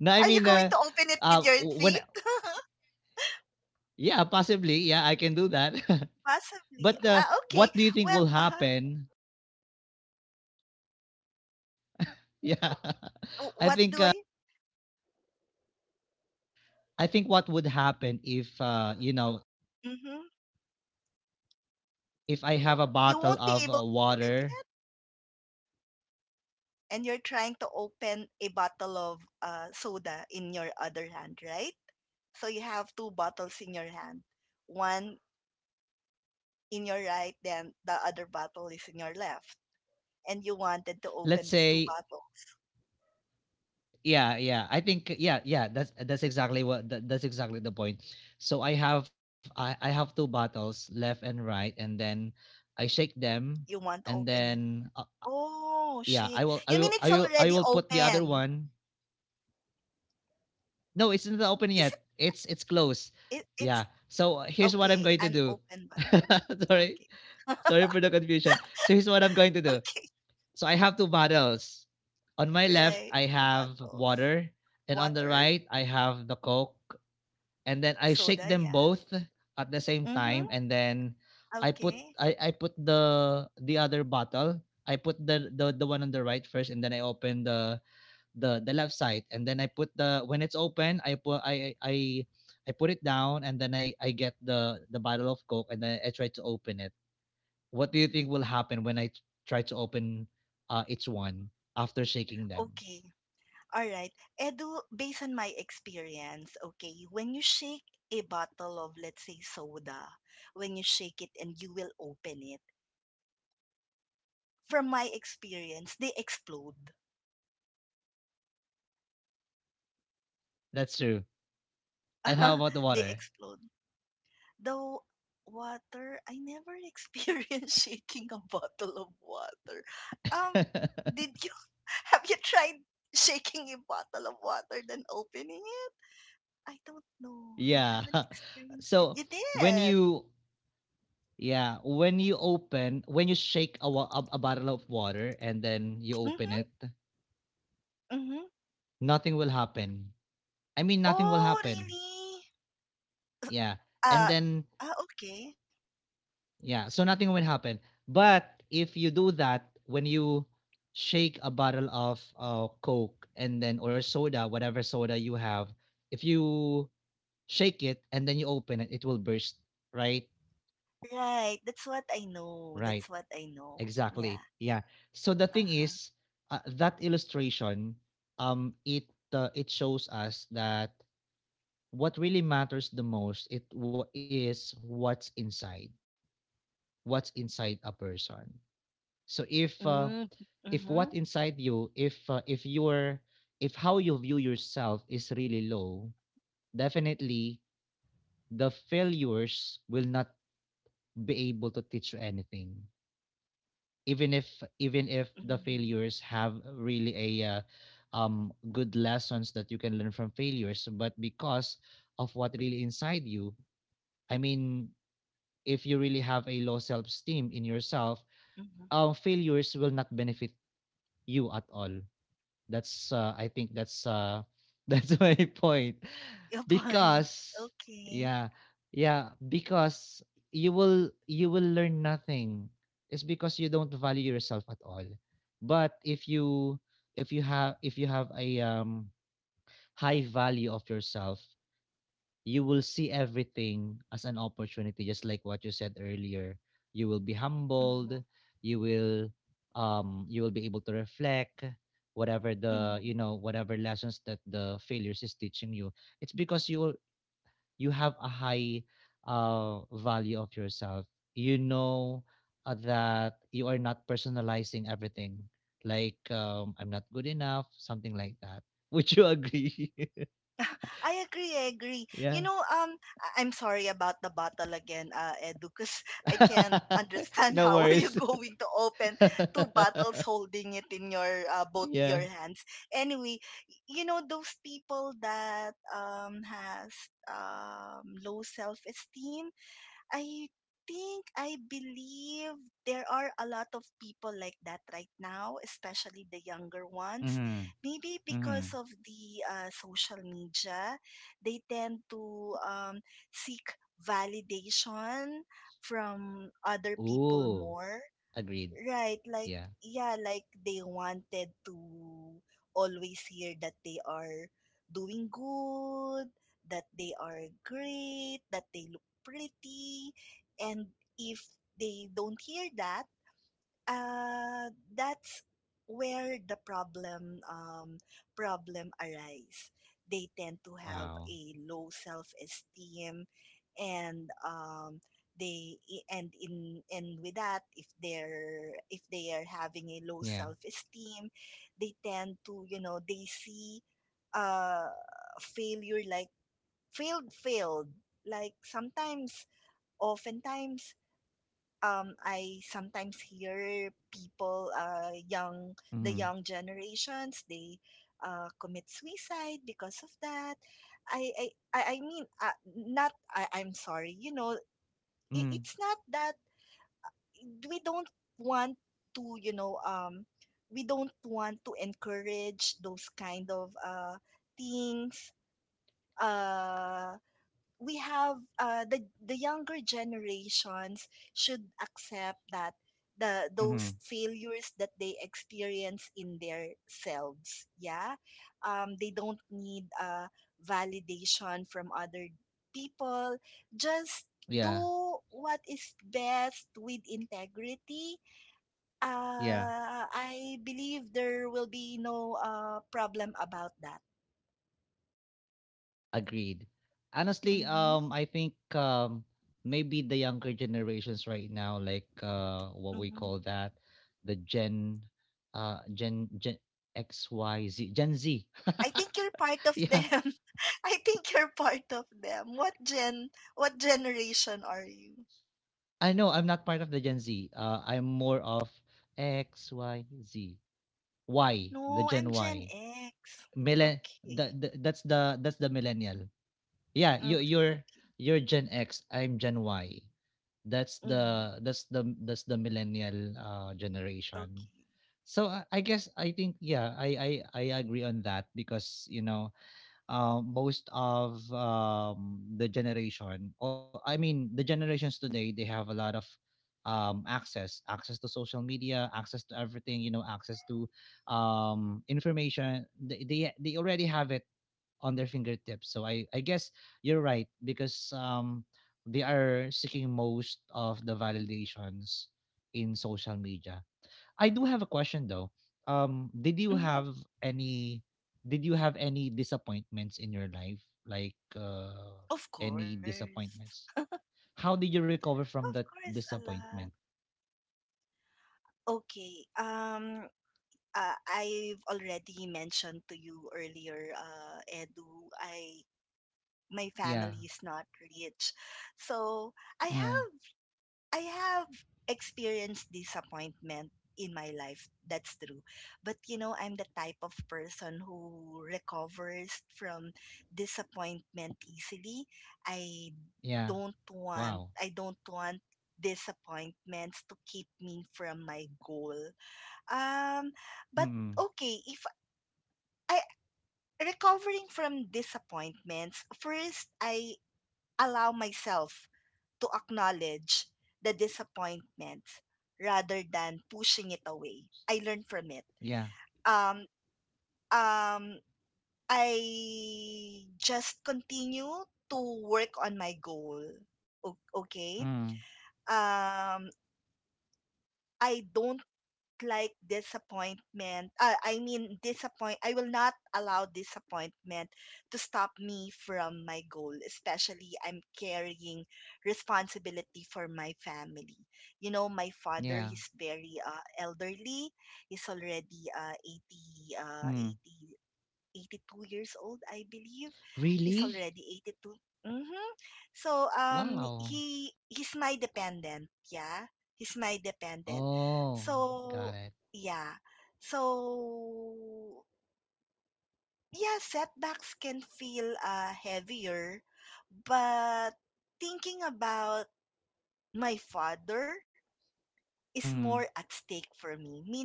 [SPEAKER 1] No, I
[SPEAKER 2] Are you
[SPEAKER 1] mean,
[SPEAKER 2] going to open it with your feet?
[SPEAKER 1] when
[SPEAKER 2] [laughs]
[SPEAKER 1] yeah, possibly, yeah, I can do that.
[SPEAKER 2] Possibly.
[SPEAKER 1] [laughs] But
[SPEAKER 2] Ah, okay.
[SPEAKER 1] what do
[SPEAKER 2] Well,
[SPEAKER 1] you think will happen? [laughs] Yeah,
[SPEAKER 2] w-
[SPEAKER 1] [laughs] I
[SPEAKER 2] what
[SPEAKER 1] think,
[SPEAKER 2] do I?
[SPEAKER 1] what would happen if,
[SPEAKER 2] Hmm.
[SPEAKER 1] if I have a
[SPEAKER 2] You won't be
[SPEAKER 1] bottle
[SPEAKER 2] able
[SPEAKER 1] of
[SPEAKER 2] to open it.
[SPEAKER 1] water,
[SPEAKER 2] And you're trying to open a bottle of soda in your other hand, right? So you have two bottles in your hand. One in your right, then the other bottle is in your left, and you wanted to
[SPEAKER 1] let's
[SPEAKER 2] open these two
[SPEAKER 1] say,
[SPEAKER 2] bottles.
[SPEAKER 1] yeah, yeah, I think, yeah, yeah, that's, that's exactly the point. So I have two bottles, left and right, and then I shake them,
[SPEAKER 2] You want to
[SPEAKER 1] and
[SPEAKER 2] open it.
[SPEAKER 1] then,
[SPEAKER 2] Oh,
[SPEAKER 1] yeah,
[SPEAKER 2] shake.
[SPEAKER 1] I will I
[SPEAKER 2] You mean
[SPEAKER 1] will
[SPEAKER 2] it's
[SPEAKER 1] I will
[SPEAKER 2] already
[SPEAKER 1] I will put the other
[SPEAKER 2] open?
[SPEAKER 1] one. No, it's not open
[SPEAKER 2] Is
[SPEAKER 1] yet. It's closed.
[SPEAKER 2] it, it it's
[SPEAKER 1] Yeah. So here's what
[SPEAKER 2] okay,
[SPEAKER 1] I'm going
[SPEAKER 2] an
[SPEAKER 1] to do.
[SPEAKER 2] open
[SPEAKER 1] [laughs]
[SPEAKER 2] bottle.
[SPEAKER 1] sorry,
[SPEAKER 2] Okay. [laughs]
[SPEAKER 1] sorry for the confusion. So here's what I'm going to do.
[SPEAKER 2] Okay.
[SPEAKER 1] So I have two bottles. On my left,
[SPEAKER 2] Right.
[SPEAKER 1] I
[SPEAKER 2] Two
[SPEAKER 1] have
[SPEAKER 2] bottles.
[SPEAKER 1] water, and on the
[SPEAKER 2] Water,
[SPEAKER 1] right, I have the Coke. And then I
[SPEAKER 2] soda,
[SPEAKER 1] shake them
[SPEAKER 2] yeah.
[SPEAKER 1] both at the same
[SPEAKER 2] Mm-hmm.
[SPEAKER 1] time, and then I put
[SPEAKER 2] Okay.
[SPEAKER 1] I, I put the other bottle. I put the one on the right first, and then I open the left side, and then I put the when it's open, I put, I put it down, and then I get the bottle of Coke, and then I try to open it. What do you think will happen when I try to open each one after shaking them?
[SPEAKER 2] Okay. All right. Edu, based on my experience, okay, when you shake a bottle of, let's say, soda, when you shake it and you will open it, from my experience, they explode.
[SPEAKER 1] That's true. And how
[SPEAKER 2] [laughs]
[SPEAKER 1] about the
[SPEAKER 2] They
[SPEAKER 1] water?
[SPEAKER 2] explode. The water, I never [laughs] experienced shaking a bottle of water. Um,
[SPEAKER 1] [laughs]
[SPEAKER 2] did you [laughs] have you tried shaking a bottle of water then opening it? I don't know. I
[SPEAKER 1] Yeah.
[SPEAKER 2] haven't
[SPEAKER 1] [laughs]
[SPEAKER 2] experienced it.
[SPEAKER 1] So
[SPEAKER 2] You
[SPEAKER 1] when
[SPEAKER 2] did.
[SPEAKER 1] you yeah, when you shake a bottle of water, and then you open it,
[SPEAKER 2] Mm-hmm. Mm-hmm.
[SPEAKER 1] nothing will happen. I mean, nothing will
[SPEAKER 2] Oh,
[SPEAKER 1] happen.
[SPEAKER 2] really?
[SPEAKER 1] Yeah. And
[SPEAKER 2] Uh,
[SPEAKER 1] then,
[SPEAKER 2] ah, okay.
[SPEAKER 1] yeah, so nothing will happen. But if you do that, when you shake a bottle of Coke, and then, or soda, whatever soda you have, if you shake it and then you open it, it will burst. Right?
[SPEAKER 2] Right. That's what I know. That's
[SPEAKER 1] Right.
[SPEAKER 2] what I know. Yeah.
[SPEAKER 1] Exactly. Yeah. So the thing
[SPEAKER 2] Uh-huh.
[SPEAKER 1] is, that illustration, um, it it shows us that what really matters the most, it wa is what's inside a person. So if,
[SPEAKER 2] Mm.
[SPEAKER 1] if what inside
[SPEAKER 2] Mm-hmm.
[SPEAKER 1] you, if, if your if how you view yourself is really low, definitely the failures will not be able to teach you anything. Even if even if the
[SPEAKER 2] Mm-hmm.
[SPEAKER 1] failures have really a good lessons that you can learn from failures, but because of what really inside you, I mean, if you really have a low self esteem in yourself,
[SPEAKER 2] Mm-hmm.
[SPEAKER 1] failures will not benefit you at all. That's I think that's [laughs] that's my point,
[SPEAKER 2] Your point.
[SPEAKER 1] because
[SPEAKER 2] Okay.
[SPEAKER 1] yeah, yeah, because you will learn nothing. It's because you don't value yourself at all. But if you, if you have a high value of yourself, you will see everything as an opportunity, just like what you said earlier. You will be
[SPEAKER 2] Mm-hmm.
[SPEAKER 1] humbled. You will um you will be able to reflect whatever the
[SPEAKER 2] Mm-hmm.
[SPEAKER 1] whatever lessons that the failures is teaching you. It's because, you have a high value of yourself, that you are not personalizing everything, like, I'm not good enough, something like that. Would you agree?
[SPEAKER 2] [laughs] I agree. You
[SPEAKER 1] [laughs] Yeah.
[SPEAKER 2] know, I'm sorry about the bottle again, Edu, because [laughs] I can't
[SPEAKER 1] [laughs]
[SPEAKER 2] understand
[SPEAKER 1] No
[SPEAKER 2] how are you [laughs]
[SPEAKER 1] worries.
[SPEAKER 2] going to open two bottles
[SPEAKER 1] [laughs]
[SPEAKER 2] holding it in your both your
[SPEAKER 1] Yeah.
[SPEAKER 2] hands. Anyway, you know those people that has low self esteem. I I believe there are a lot of people like that right now, especially the younger ones.
[SPEAKER 1] Mm-hmm.
[SPEAKER 2] Maybe because
[SPEAKER 1] Mm-hmm.
[SPEAKER 2] of the social media, they tend to seek validation from other people
[SPEAKER 1] Ooh.
[SPEAKER 2] more.
[SPEAKER 1] Agreed.
[SPEAKER 2] Right, like,
[SPEAKER 1] Yeah.
[SPEAKER 2] yeah, like they wanted to always hear that they are doing good, that they are great, that they look pretty, and if they don't hear that, uh, that's where the problem arise. They tend to have a
[SPEAKER 1] Wow.
[SPEAKER 2] low self esteem, and they, I- and in and with that, if they are having a low
[SPEAKER 1] Yeah.
[SPEAKER 2] self esteem, they tend to, you know, they see uh, failure like failed failed like sometimes, oftentimes, I sometimes hear people, young, the
[SPEAKER 1] Mm-hmm.
[SPEAKER 2] young generations, they commit suicide because of that. I, I, I mean, not, I, I'm sorry, you know,
[SPEAKER 1] Mm-hmm.
[SPEAKER 2] it's not that we don't want to, you know, we don't want to encourage those kind of things. Uh, we have the younger generations should accept that the those
[SPEAKER 1] Mm-hmm.
[SPEAKER 2] failures that they experience in their selves. Yeah. They don't need validation from other people. Just
[SPEAKER 1] Yeah.
[SPEAKER 2] do what is best with integrity.
[SPEAKER 1] Yeah.
[SPEAKER 2] I believe there will be no problem about that.
[SPEAKER 1] Agreed. Honestly,
[SPEAKER 2] Mm-hmm.
[SPEAKER 1] I think, maybe the younger generations right now, like, what we
[SPEAKER 2] Mm-hmm.
[SPEAKER 1] call that, the Gen XYZ Gen Z.
[SPEAKER 2] I think you're part
[SPEAKER 1] [laughs]
[SPEAKER 2] of [laughs]
[SPEAKER 1] Yeah.
[SPEAKER 2] them. I think you're part of them. What generation are you?
[SPEAKER 1] I know I'm not part of the Gen Z. I'm more of XYZ. Y, the
[SPEAKER 2] No,
[SPEAKER 1] Gen
[SPEAKER 2] I'm Gen
[SPEAKER 1] Y.
[SPEAKER 2] X.
[SPEAKER 1] Millen
[SPEAKER 2] Okay.
[SPEAKER 1] the that's the millennial. Yeah, you
[SPEAKER 2] Okay,
[SPEAKER 1] you're
[SPEAKER 2] okay.
[SPEAKER 1] you're Gen X, I'm Gen Y. That's
[SPEAKER 2] Mm,
[SPEAKER 1] the that's the that's the millennial generation.
[SPEAKER 2] okay.
[SPEAKER 1] So I guess I think, yeah, I agree on that, because most of, the generation, or I mean the generations today, they have a lot of, access, access to social media, access to everything, access to, information. They already have it on their fingertips. So I guess you're right, because, they are seeking most of the validations in social media. I do have a question though. Um, did you
[SPEAKER 2] Mm-hmm.
[SPEAKER 1] have any did you have any disappointments in your life? Like
[SPEAKER 2] Of
[SPEAKER 1] any
[SPEAKER 2] course.
[SPEAKER 1] disappointments? How did you recover
[SPEAKER 2] Of
[SPEAKER 1] from that
[SPEAKER 2] course, a lot.
[SPEAKER 1] disappointment?
[SPEAKER 2] Okay. I've already mentioned to you earlier, Edu, I my
[SPEAKER 1] Yeah.
[SPEAKER 2] family is not rich. So I
[SPEAKER 1] Uh
[SPEAKER 2] have I have experienced disappointment in my life. That's true. But you know, I'm the type of person who recovers from disappointment easily. I
[SPEAKER 1] yeah. Wow.
[SPEAKER 2] I don't want disappointments to keep me from my goal. Um but
[SPEAKER 1] Mm.
[SPEAKER 2] Okay, if I recovering from disappointments, first I allow myself to acknowledge the disappointments rather than pushing it away. I learned from it.
[SPEAKER 1] Yeah.
[SPEAKER 2] Um, um, I just continue to work on my goal. Okay.
[SPEAKER 1] Mm.
[SPEAKER 2] Um, I don't like disappointment. I mean, disappoint. I will not allow disappointment to stop me from my goal. Especially, I'm carrying responsibility for my family. You know, my father
[SPEAKER 1] Yeah.
[SPEAKER 2] is very elderly. He's already 80, uh,
[SPEAKER 1] Mm.
[SPEAKER 2] 80 82 years old, I believe. He's
[SPEAKER 1] Really?
[SPEAKER 2] already 82. Mm-hmm. So
[SPEAKER 1] Wow.
[SPEAKER 2] he's my dependent, yeah. He's my dependent. So
[SPEAKER 1] Oh, got it.
[SPEAKER 2] yeah. So yeah, setbacks can feel heavier, but thinking about my father is more at
[SPEAKER 1] Mm.
[SPEAKER 2] stake for me, meaning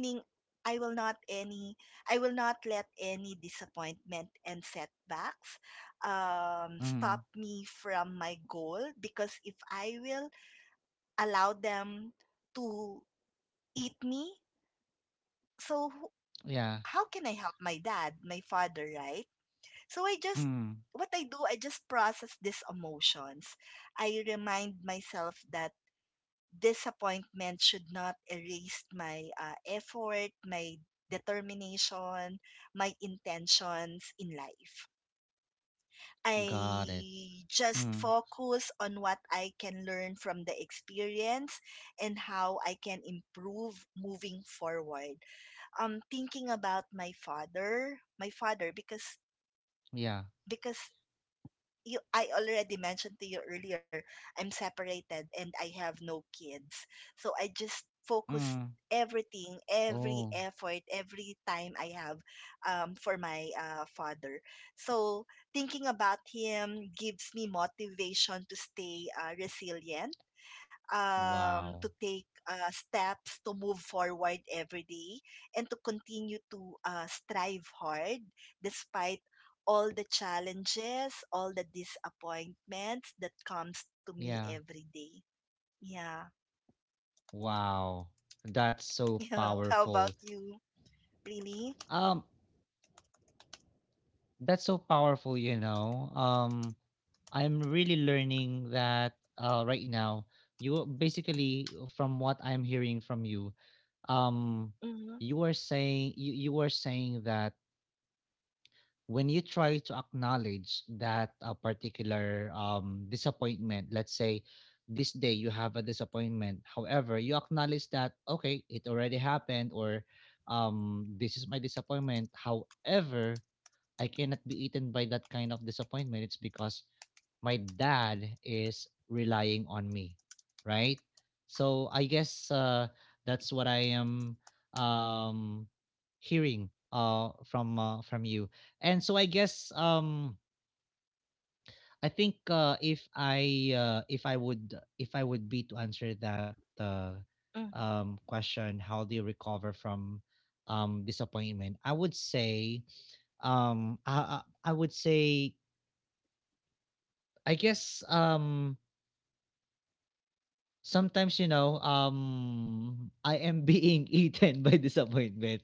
[SPEAKER 2] i will not any I will not let any disappointment and setbacks, stop
[SPEAKER 1] Mm.
[SPEAKER 2] me from my goal, because if I will allow them to eat me, so who-
[SPEAKER 1] Yeah.
[SPEAKER 2] how can I help my dad, my father, right? So I just,
[SPEAKER 1] Mm.
[SPEAKER 2] what I do, I just process these emotions. I remind myself that disappointment should not erase my effort, my determination, my intentions in life.
[SPEAKER 1] Got it.
[SPEAKER 2] I just
[SPEAKER 1] Mm.
[SPEAKER 2] focus on what I can learn from the experience and how I can improve moving forward. Thinking about my father, because
[SPEAKER 1] Yeah.
[SPEAKER 2] because you I already mentioned to you earlier, I'm separated and I have no kids. So I just focus
[SPEAKER 1] Mm.
[SPEAKER 2] everything, every
[SPEAKER 1] Oh,
[SPEAKER 2] effort, every time I have, for my father. So thinking about him gives me motivation to stay resilient,
[SPEAKER 1] wow.
[SPEAKER 2] to take steps to move forward every day, and to continue to strive hard despite all the challenges, all the disappointments that comes to me
[SPEAKER 1] Yeah.
[SPEAKER 2] every day. Yeah. [laughs]
[SPEAKER 1] Wow. That's so
[SPEAKER 2] Yeah. How about
[SPEAKER 1] powerful.
[SPEAKER 2] you? Really?
[SPEAKER 1] Um, that's so powerful. I'm really learning that right now. You basically, from what I'm hearing from you, um,
[SPEAKER 2] Mm-hmm.
[SPEAKER 1] you are saying that when you try to acknowledge that a particular, disappointment, let's say this day you have a disappointment, however, you acknowledge that, okay, it already happened, or, this is my disappointment. However, I cannot be eaten by that kind of disappointment. It's because my dad is relying on me, right? So I guess, that's what I am, um, hearing, from you. And so I guess, I think, if I would be to answer that, uh,
[SPEAKER 2] Mm-hmm.
[SPEAKER 1] question, how do you recover from, disappointment? I would say, um, I, I I would say I guess, sometimes, I am being [laughs] eaten by disappointment.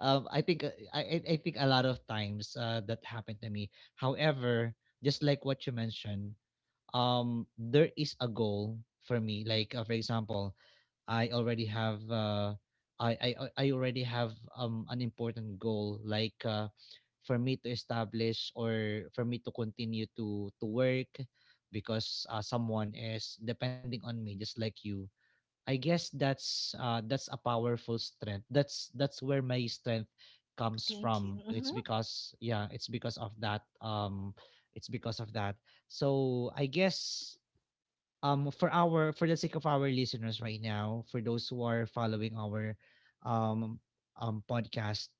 [SPEAKER 1] I think, I think a lot of times that happened to me. However, just like what you mentioned, there is a goal for me. Like, for example, I already have, I already have an important goal, like, for me to establish or for me to continue to work because someone is depending on me, just like you. I guess that's a powerful strength. That's where my strength comes
[SPEAKER 2] Thank you.
[SPEAKER 1] from.
[SPEAKER 2] Mm-hmm.
[SPEAKER 1] It's because, yeah, it's because of that, it's because of that. So I guess, for the sake of our listeners right now, for those who are following our um podcast,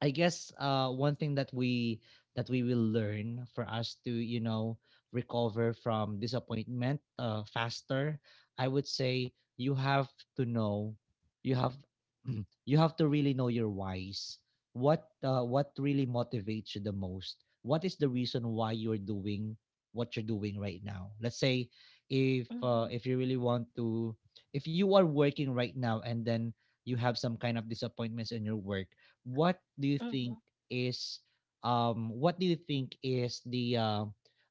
[SPEAKER 1] I guess one thing that we will learn for us to recover from disappointment faster. I would say you have to know, you have [clears throat] you have to really know your whys, what really motivates you the most, what is the reason why you're doing what you're doing right now. Let's say if,
[SPEAKER 2] Mm-hmm.
[SPEAKER 1] if you really want to, if you are working right now and then you have some kind of disappointments in your work, what do you
[SPEAKER 2] Mm-hmm.
[SPEAKER 1] think is, what do you think is the uh,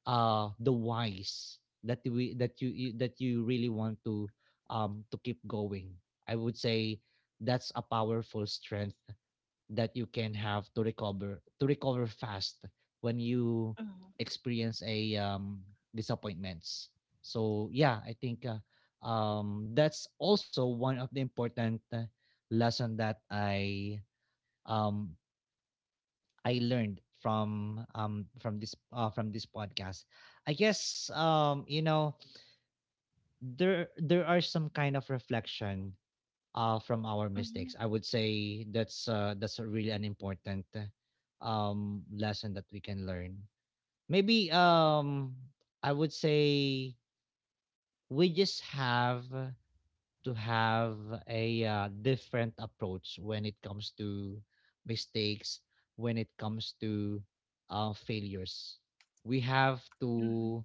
[SPEAKER 1] uh the whys that we that you that you really want to, to keep going? I would say that's a powerful strength that you can have to recover fast when you
[SPEAKER 2] Mm-hmm.
[SPEAKER 1] experience a disappointments. So yeah, I think, that's also one of the important lesson that um I learned from, from this, from this podcast. I guess, there are some kind of reflection from our
[SPEAKER 2] Mm-hmm.
[SPEAKER 1] mistakes. I would say that's a really an important lesson that we can learn. Maybe, I would say we just have to have a, different approach when it comes to mistakes, when it comes to, failures. We have
[SPEAKER 2] Mm-hmm.
[SPEAKER 1] to,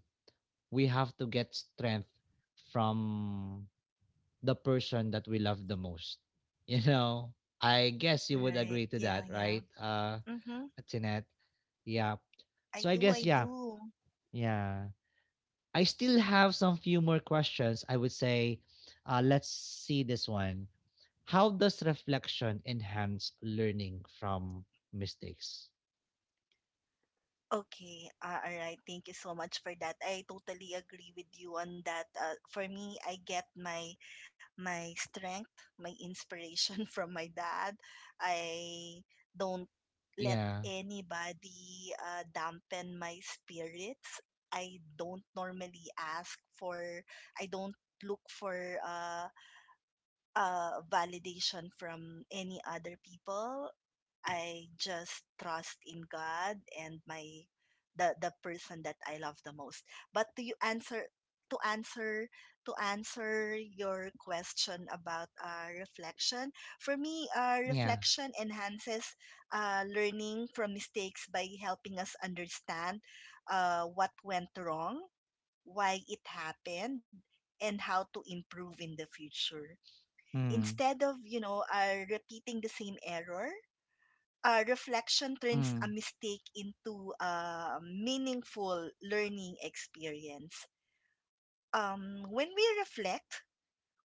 [SPEAKER 1] we have to get strength from the person that we love the most. [laughs] You know, I guess you would
[SPEAKER 2] Right.
[SPEAKER 1] agree to
[SPEAKER 2] Yeah,
[SPEAKER 1] that,
[SPEAKER 2] yeah.
[SPEAKER 1] right,
[SPEAKER 2] Mm-hmm.
[SPEAKER 1] Jeanette? Yeah.
[SPEAKER 2] I
[SPEAKER 1] So I
[SPEAKER 2] do, I
[SPEAKER 1] guess, yeah,
[SPEAKER 2] do.
[SPEAKER 1] yeah. I still have some few more questions. I would say, let's see this one. How does reflection enhance learning from mistakes?
[SPEAKER 2] Okay, ah, alright. Thank you so much for that. I totally agree with you on that. For me, I get my strength, my inspiration [laughs] from my dad. I don't let
[SPEAKER 1] Yeah.
[SPEAKER 2] anybody dampen my spirits. I don't normally ask for, I don't look for validation from any other people. I just trust in God and my the person that I love the most. But to you answer to answer To answer your question about reflection, for me,
[SPEAKER 1] Yeah.
[SPEAKER 2] reflection enhances learning from mistakes by helping us understand what went wrong, why it happened, and how to improve in the future.
[SPEAKER 1] Mm.
[SPEAKER 2] Instead of, you know, repeating the same error, reflection turns a
[SPEAKER 1] Mm.
[SPEAKER 2] mistake into a meaningful learning experience. When we reflect,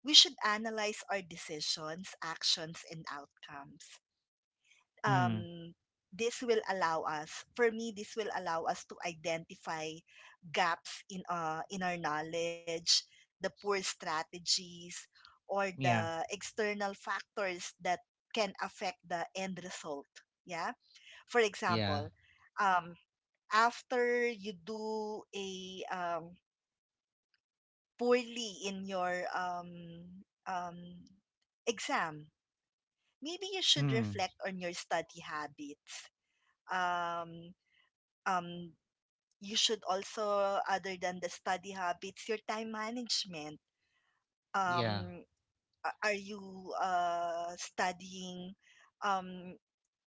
[SPEAKER 2] we should analyze our decisions, actions, and outcomes.
[SPEAKER 1] Mm.
[SPEAKER 2] Um, this will allow us, for me, this will allow us to identify gaps in our knowledge, the poor strategies, or
[SPEAKER 1] Yeah.
[SPEAKER 2] the external factors that can affect the end result. Yeah, for
[SPEAKER 1] Yeah.
[SPEAKER 2] example, um, after you do a poorly in your um, exam, maybe you should
[SPEAKER 1] Mm.
[SPEAKER 2] reflect on your study habits. Um, um, you should also, other than the study habits, your time management.
[SPEAKER 1] Yeah.
[SPEAKER 2] Um, are you studying? Um,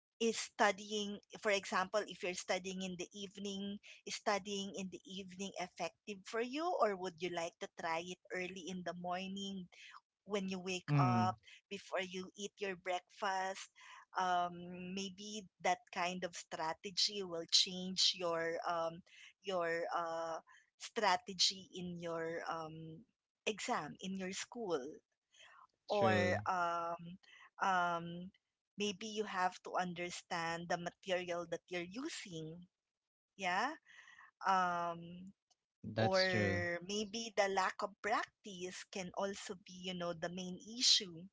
[SPEAKER 2] is studying for example, if you're studying in the evening, is studying in the evening effective for you, or would you like to try it early in the morning when you wake
[SPEAKER 1] Mm.
[SPEAKER 2] up before you eat your breakfast? um, maybe that kind of strategy will change your strategy in your exam in your school, or
[SPEAKER 1] True.
[SPEAKER 2] um, um, maybe you have to understand the material that you're using. Yeah. Um,
[SPEAKER 1] That's true.
[SPEAKER 2] or maybe the lack of practice can also be, you know, the main issue.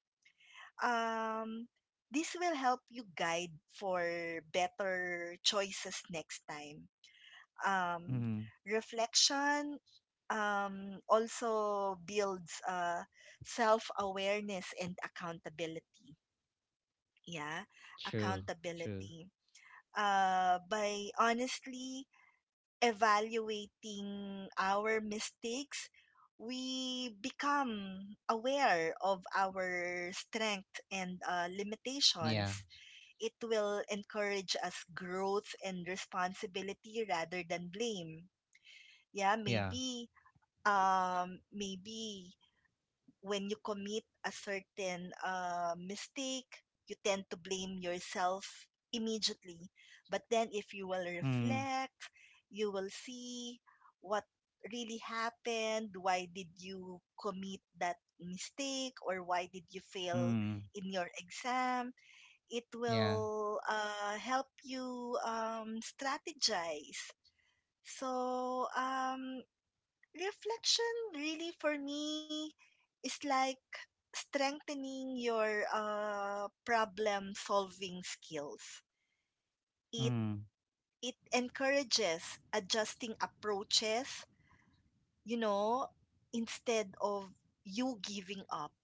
[SPEAKER 2] Um, this will help you guide for better choices next time. Um,
[SPEAKER 1] Mm.
[SPEAKER 2] reflection also builds self awareness and accountability. Yeah,
[SPEAKER 1] True. True.
[SPEAKER 2] accountability. By honestly evaluating our mistakes, we become aware of our strength and
[SPEAKER 1] Yeah.
[SPEAKER 2] limitations. It will encourage us growth and responsibility rather than blame. Yeah,
[SPEAKER 1] Yeah.
[SPEAKER 2] maybe when you commit a certain mistake, you tend to blame yourself immediately. But then, if you will
[SPEAKER 1] Mm.
[SPEAKER 2] reflect, you will see what really happened, why did you commit that mistake, or why did you fail
[SPEAKER 1] Mm.
[SPEAKER 2] in your exam. It
[SPEAKER 1] Yeah.
[SPEAKER 2] will help you strategize. So, reflection really for me is like strengthening your problem solving skills. It
[SPEAKER 1] Mm.
[SPEAKER 2] it encourages adjusting approaches, you know, instead of you giving up.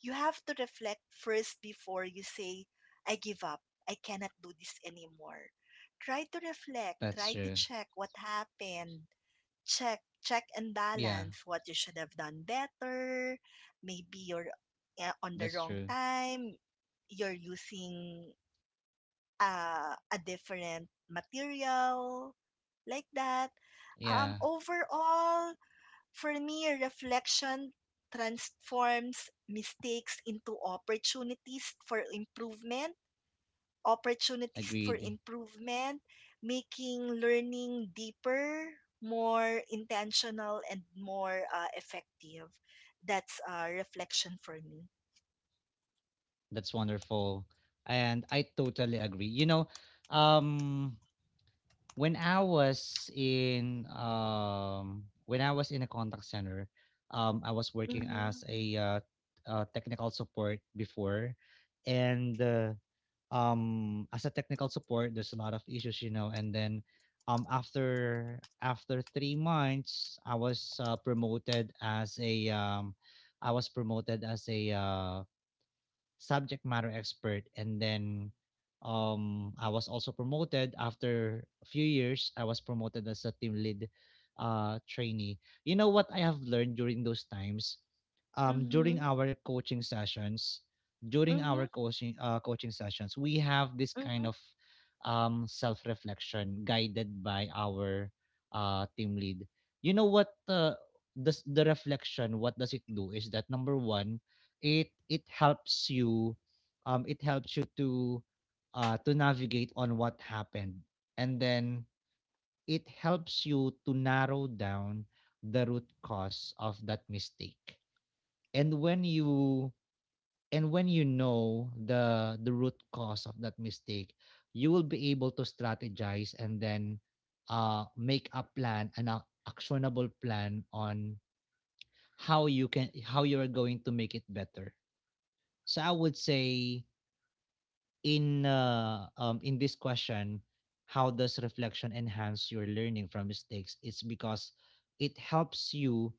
[SPEAKER 2] You have to reflect first before you say, I give up. I cannot do this anymore. Try to reflect.
[SPEAKER 1] That's true.
[SPEAKER 2] Try to check what happened. Check, check and
[SPEAKER 1] Yeah.
[SPEAKER 2] balance what you should have done better. Maybe you're
[SPEAKER 1] That's true.
[SPEAKER 2] on the wrong time. You're using a different material, like that.
[SPEAKER 1] Yeah.
[SPEAKER 2] Overall, for me, reflection transforms mistakes into opportunities for improvement, opportunities
[SPEAKER 1] Agreed.
[SPEAKER 2] for improvement, making learning deeper, more intentional, and more effective. That's reflection for me.
[SPEAKER 1] That's wonderful. And I totally agree. You know, um When I was in when I was in a contact center, I was working
[SPEAKER 2] Mm-hmm.
[SPEAKER 1] as a, technical support before, and, as a technical support there's a lot of issues, you know, and then, um after after 3 months, I was promoted as a, subject matter expert, and then, I was also promoted. After a few years I was promoted as a team lead trainee. You know what I have learned during those times? During our
[SPEAKER 2] Mm-hmm.
[SPEAKER 1] coaching sessions, during our
[SPEAKER 2] Mm-hmm.
[SPEAKER 1] coaching sessions, we have this kind of
[SPEAKER 2] Mm-hmm.
[SPEAKER 1] self-reflection guided by our team lead. You know what, does the reflection, what does it do, is that number 1, it helps you, it helps you to, to navigate on what happened, and then it helps you to narrow down the root cause of that mistake. And when you, and when you know the root cause of that mistake, you will be able to strategize, and then, make a plan, an actionable plan on how you are going to make it better. So I would say, in, in this question, how does reflection enhance your learning from mistakes? It's because it helps you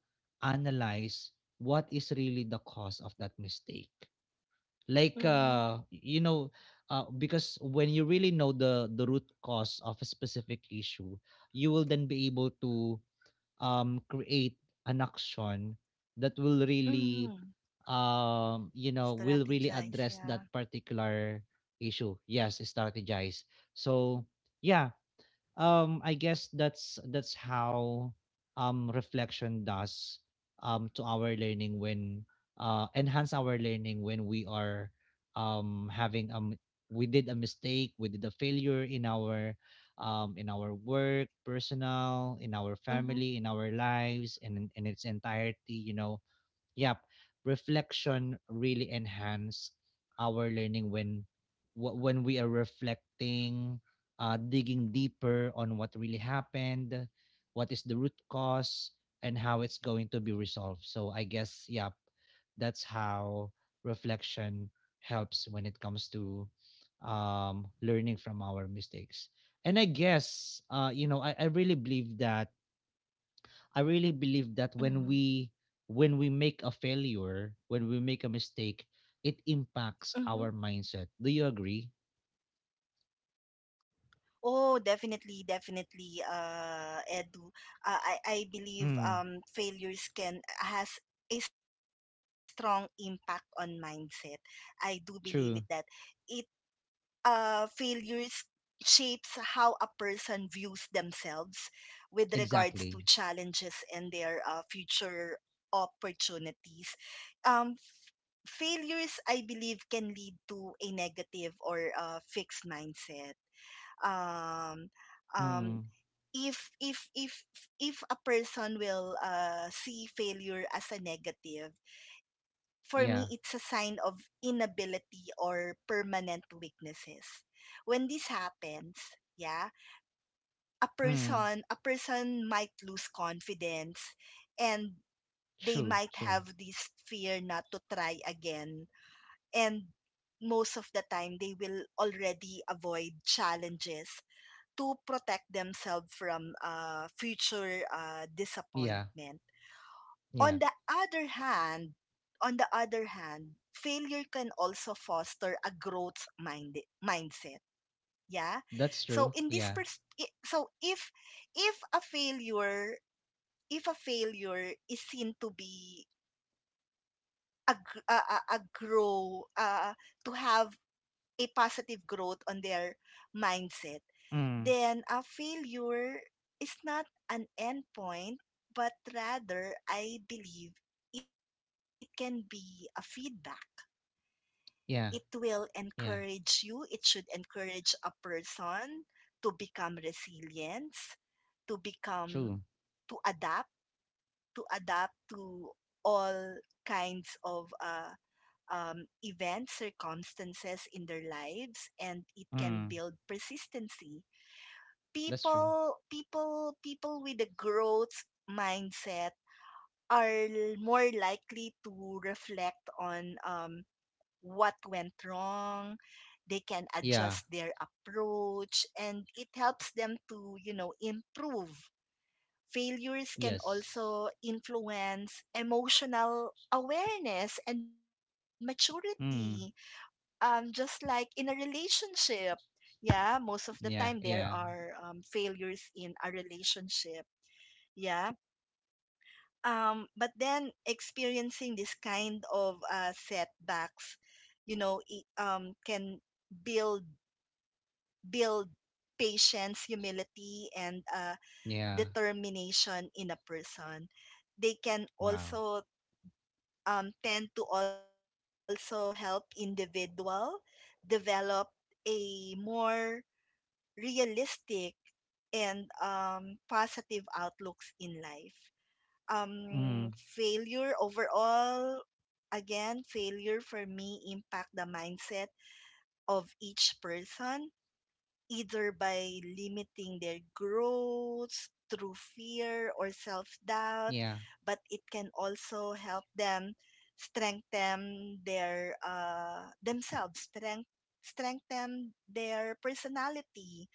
[SPEAKER 1] analyze what is really the cause of that mistake. Like,
[SPEAKER 2] Mm-hmm.
[SPEAKER 1] because when you really know the root cause of a specific issue, you will then be able to, create an action that will really,
[SPEAKER 2] Mm-hmm.
[SPEAKER 1] will really address
[SPEAKER 2] Strategize,
[SPEAKER 1] that
[SPEAKER 2] yeah.
[SPEAKER 1] particular issue. Yes, strategize. So yeah, I guess that's how reflection does, to our learning, when, enhance our learning when we are, having, we did a mistake, we did a failure in our, in our work, personal, in our family, in our
[SPEAKER 2] Mm-hmm.
[SPEAKER 1] lives, and in its entirety. Yep. Reflection really enhance our learning when, when we are reflecting, digging deeper on what really happened, what is the root cause, and how it's going to be resolved. So I guess, yep, that's how reflection helps when it comes to, learning from our mistakes. And I guess, I really believe that, when
[SPEAKER 2] Mm-hmm.
[SPEAKER 1] we make a failure, when we make a mistake, it impacts
[SPEAKER 2] Mm-hmm.
[SPEAKER 1] our mindset. Do you agree?
[SPEAKER 2] Oh, definitely, definitely, Edu. I believe
[SPEAKER 1] Mm,
[SPEAKER 2] failures can has a strong impact on mindset. I do believe it that
[SPEAKER 1] true.
[SPEAKER 2] it failures shapes how a person views themselves with regards to
[SPEAKER 1] Exactly.
[SPEAKER 2] challenges and their future opportunities. Um, failures, I believe, can lead to a negative or fixed mindset. um um
[SPEAKER 1] Mm.
[SPEAKER 2] if if if if a person will see failure as a negative, for me
[SPEAKER 1] Yeah.
[SPEAKER 2] it's a sign of inability or permanent weaknesses. When this happens, yeah, a
[SPEAKER 1] Mm.
[SPEAKER 2] person a person might lose confidence, and they
[SPEAKER 1] True.
[SPEAKER 2] might
[SPEAKER 1] True.
[SPEAKER 2] have this fear not to try again, and most of the time they will already avoid challenges to protect themselves from future
[SPEAKER 1] Yeah.
[SPEAKER 2] disappointment. On
[SPEAKER 1] Yeah.
[SPEAKER 2] the other hand, on the other hand, failure can also foster a growth mindset. Yeah.
[SPEAKER 1] That's
[SPEAKER 2] So
[SPEAKER 1] true.
[SPEAKER 2] in this
[SPEAKER 1] Yeah.
[SPEAKER 2] pers- I- so if if a failure if a failure is seen to be a grow to have a positive growth on their mindset,
[SPEAKER 1] Mm.
[SPEAKER 2] then a failure is not an end point, but rather, I believe it can be a feedback. It will
[SPEAKER 1] Yeah.
[SPEAKER 2] encourage you,
[SPEAKER 1] Yeah.
[SPEAKER 2] it should encourage a person to become resilient, to become,
[SPEAKER 1] True.
[SPEAKER 2] to adapt to adapt to all kinds of events, circumstances in their lives, and it can
[SPEAKER 1] Mm.
[SPEAKER 2] build persistency.
[SPEAKER 1] That's true.
[SPEAKER 2] People with a growth mindset more likely to reflect on what went wrong. They can
[SPEAKER 1] Yeah.
[SPEAKER 2] adjust their approach, and it helps them to, you know, improve. Failures can
[SPEAKER 1] Yes.
[SPEAKER 2] also influence emotional awareness and maturity,
[SPEAKER 1] Mm.
[SPEAKER 2] just like in a relationship. Yeah, most of the time there
[SPEAKER 1] Yeah.
[SPEAKER 2] are
[SPEAKER 1] Yeah.
[SPEAKER 2] failures in a relationship. Yeah. But then experiencing this kind of setbacks, you know, it, can build build patience, humility, and
[SPEAKER 1] Yeah.
[SPEAKER 2] determination in a person. They can
[SPEAKER 1] Wow.
[SPEAKER 2] also tend to also help individual develop a more realistic and positive outlooks in life.
[SPEAKER 1] Mm.
[SPEAKER 2] Failure overall, again, failure for me impact the mindset of each person either by limiting their growth through fear or self doubt,
[SPEAKER 1] Yeah.
[SPEAKER 2] but it can also help them strengthen their strengthen their personality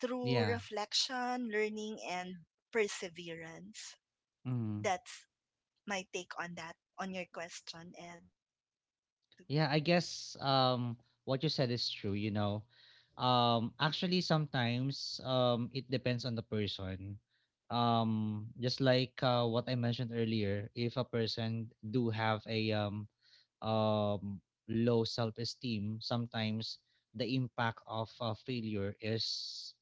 [SPEAKER 2] through
[SPEAKER 1] Yeah.
[SPEAKER 2] reflection, learning, and perseverance.
[SPEAKER 1] Mm.
[SPEAKER 2] That's my take on that, on your question, Edu.
[SPEAKER 1] Yeah, I guess what you said is true. Actually sometimes it depends on the person. Just like, what I mentioned earlier, if a person do have a, um low self-esteem, sometimes the impact of, failure is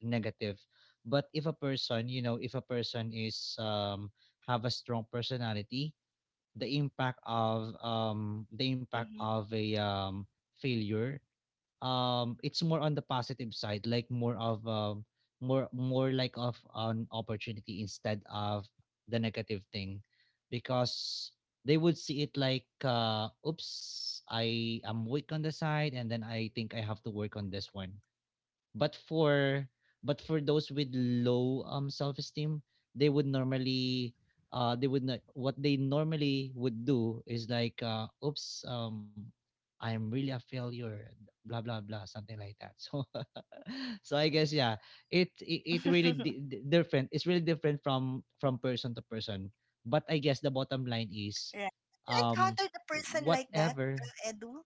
[SPEAKER 1] negative. But if a person, you know, if a person is, have a strong personality, the impact
[SPEAKER 2] Hmm.
[SPEAKER 1] of a, failure, it's more on the positive side, like more of, more like of an opportunity instead of the negative thing, because they would see it like, oops, I am weak on the side and then I think I have to work on this one. But for, but for those with low, self-esteem, they would normally, they would not, what they normally would do is like, oops, I'm really a failure, blah blah blah, something like that. So [laughs] so I guess, yeah, it really,
[SPEAKER 2] [laughs]
[SPEAKER 1] different, it's really different from person to person, but I guess the bottom line is,
[SPEAKER 2] Right. You
[SPEAKER 1] um
[SPEAKER 2] encountered a person like that,
[SPEAKER 1] whatever.
[SPEAKER 2] Edu?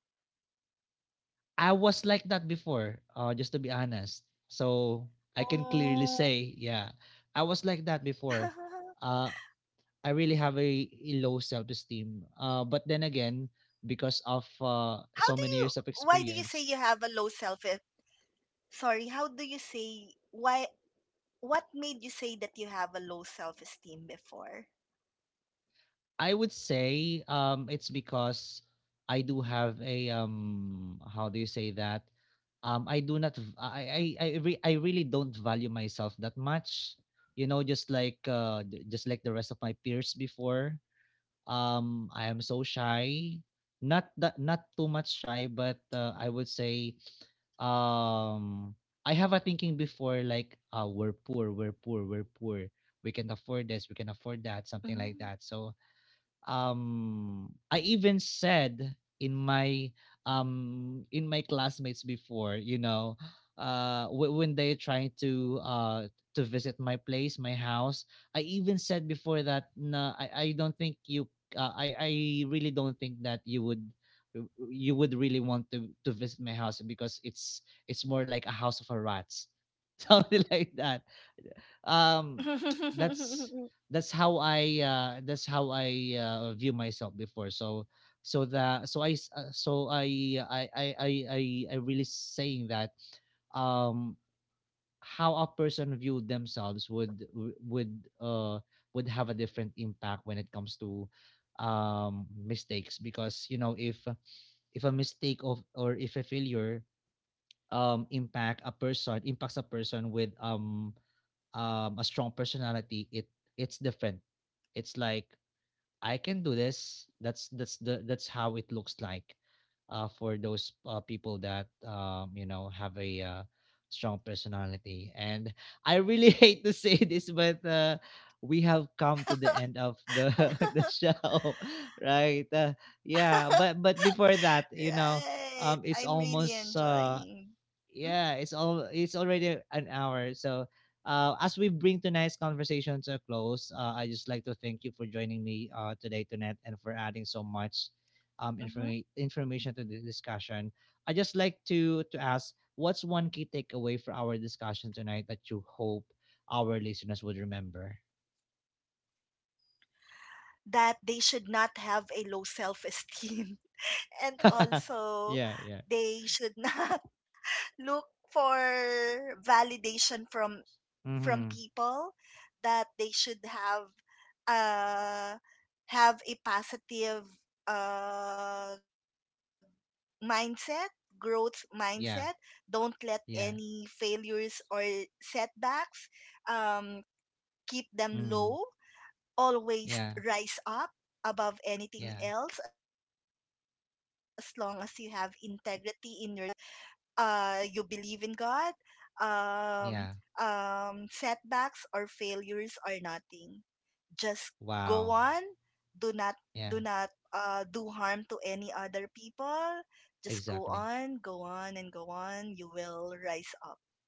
[SPEAKER 1] I was like that before, just to be honest. So I can clearly say,
[SPEAKER 2] Oh.
[SPEAKER 1] yeah, I was like that before. Uh,
[SPEAKER 2] [laughs]
[SPEAKER 1] I really have a low self esteem. But then again, because of,
[SPEAKER 2] how
[SPEAKER 1] so
[SPEAKER 2] do
[SPEAKER 1] many
[SPEAKER 2] you
[SPEAKER 1] years of
[SPEAKER 2] Why do you say
[SPEAKER 1] experience,
[SPEAKER 2] you have a low self sorry, how do you say why what made you say that you have a low self esteem before?
[SPEAKER 1] I would say, it's because I do have a, how do you say that? I do not. I really don't value myself that much. You know, just like, just like the rest of my peers before, I am so shy. Not that not too much shy, but, I would say, um I have a thinking before like, we're poor, we're poor, we're poor. We can afford this, we can afford that, something like that.
[SPEAKER 2] Mm.
[SPEAKER 1] So, I even said in my, in my classmates before, when they trying to, to visit my place, my house. I even said before that no, I don't think you, I really don't think that you would, uh, you would really want to visit my house because it's more like a house of a rats, [laughs] something like that, um
[SPEAKER 2] [laughs]
[SPEAKER 1] that's, that's how I, view myself before. So, so the so I, I really saying that, um how a person view themselves would, uh would have a different impact when it comes to, mistakes, because if a mistake of or if a failure, impacts a person with, a strong personality, it's different, it's like I can do this. That's how it looks like, for those, people that, have a, strong personality. And I really [laughs] hate to say this, but we have come to the end of the [laughs] the show [laughs] right, yeah, but before that,
[SPEAKER 2] Right,
[SPEAKER 1] it's
[SPEAKER 2] I'm really
[SPEAKER 1] almost,
[SPEAKER 2] enjoying.
[SPEAKER 1] yeah,
[SPEAKER 2] Mhm.
[SPEAKER 1] it's already an hour. So, as we bring tonight's conversation to a close, I just like to thank you for joining me, today, tonight, and for adding so much,
[SPEAKER 2] Mhm.
[SPEAKER 1] information to the discussion. I just like to ask, what's one key takeaway for our discussion tonight that you hope our listeners would remember?
[SPEAKER 2] That they should not have a low self esteem, [laughs] and
[SPEAKER 1] [laughs]
[SPEAKER 2] also
[SPEAKER 1] Yeah, yeah.
[SPEAKER 2] they should not [laughs] look for validation from
[SPEAKER 1] Mm-hmm.
[SPEAKER 2] people. That they should uh have a positive uh mindset, growth mindset.
[SPEAKER 1] Yeah,
[SPEAKER 2] Don't let
[SPEAKER 1] yeah.
[SPEAKER 2] any failures or setbacks, um keep them
[SPEAKER 1] Mm-hmm.
[SPEAKER 2] low.
[SPEAKER 1] Yeah,
[SPEAKER 2] Always rise up above
[SPEAKER 1] yeah,
[SPEAKER 2] anything else. As long as you have integrity in yourself, you believe in God, um
[SPEAKER 1] yeah.
[SPEAKER 2] setbacks or failures are nothing. Just go
[SPEAKER 1] Wow.
[SPEAKER 2] on. Do not do
[SPEAKER 1] Yeah.
[SPEAKER 2] not do harm to any other people. Just go
[SPEAKER 1] Exactly.
[SPEAKER 2] on, go on and go on. You will rise up.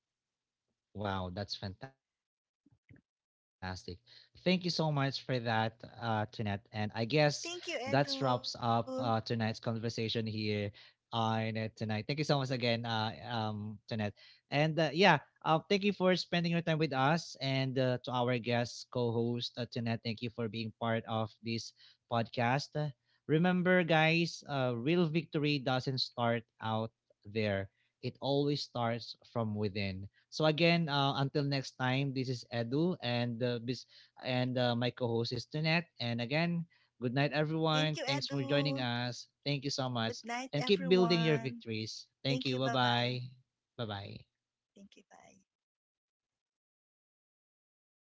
[SPEAKER 1] Wow, that's fantastic. Thank you so much for that, Tunette. And I guess that wraps up,
[SPEAKER 2] Thank you,
[SPEAKER 1] tonight's
[SPEAKER 2] Edu.
[SPEAKER 1] conversation here on, tonight. Thank you so much again, Tunette. And, yeah, thank you for spending your time with us, and, to our guest co host, Tunette. Thank you for being part of this podcast. Remember, guys, real victory doesn't start out there, it always starts from within. So again, until next time, this is Edu and, and, my co-host is Tunette. And again, good night everyone. Thanks for
[SPEAKER 2] Thank you,
[SPEAKER 1] joining us.
[SPEAKER 2] Edu.
[SPEAKER 1] Thank you so much, and
[SPEAKER 2] Good
[SPEAKER 1] keep
[SPEAKER 2] night,
[SPEAKER 1] building your victories.
[SPEAKER 2] everyone.
[SPEAKER 1] Thank you. Bye
[SPEAKER 2] Thank you.
[SPEAKER 1] bye.
[SPEAKER 2] Bye-bye.
[SPEAKER 1] Bye bye.
[SPEAKER 2] Thank you. Bye.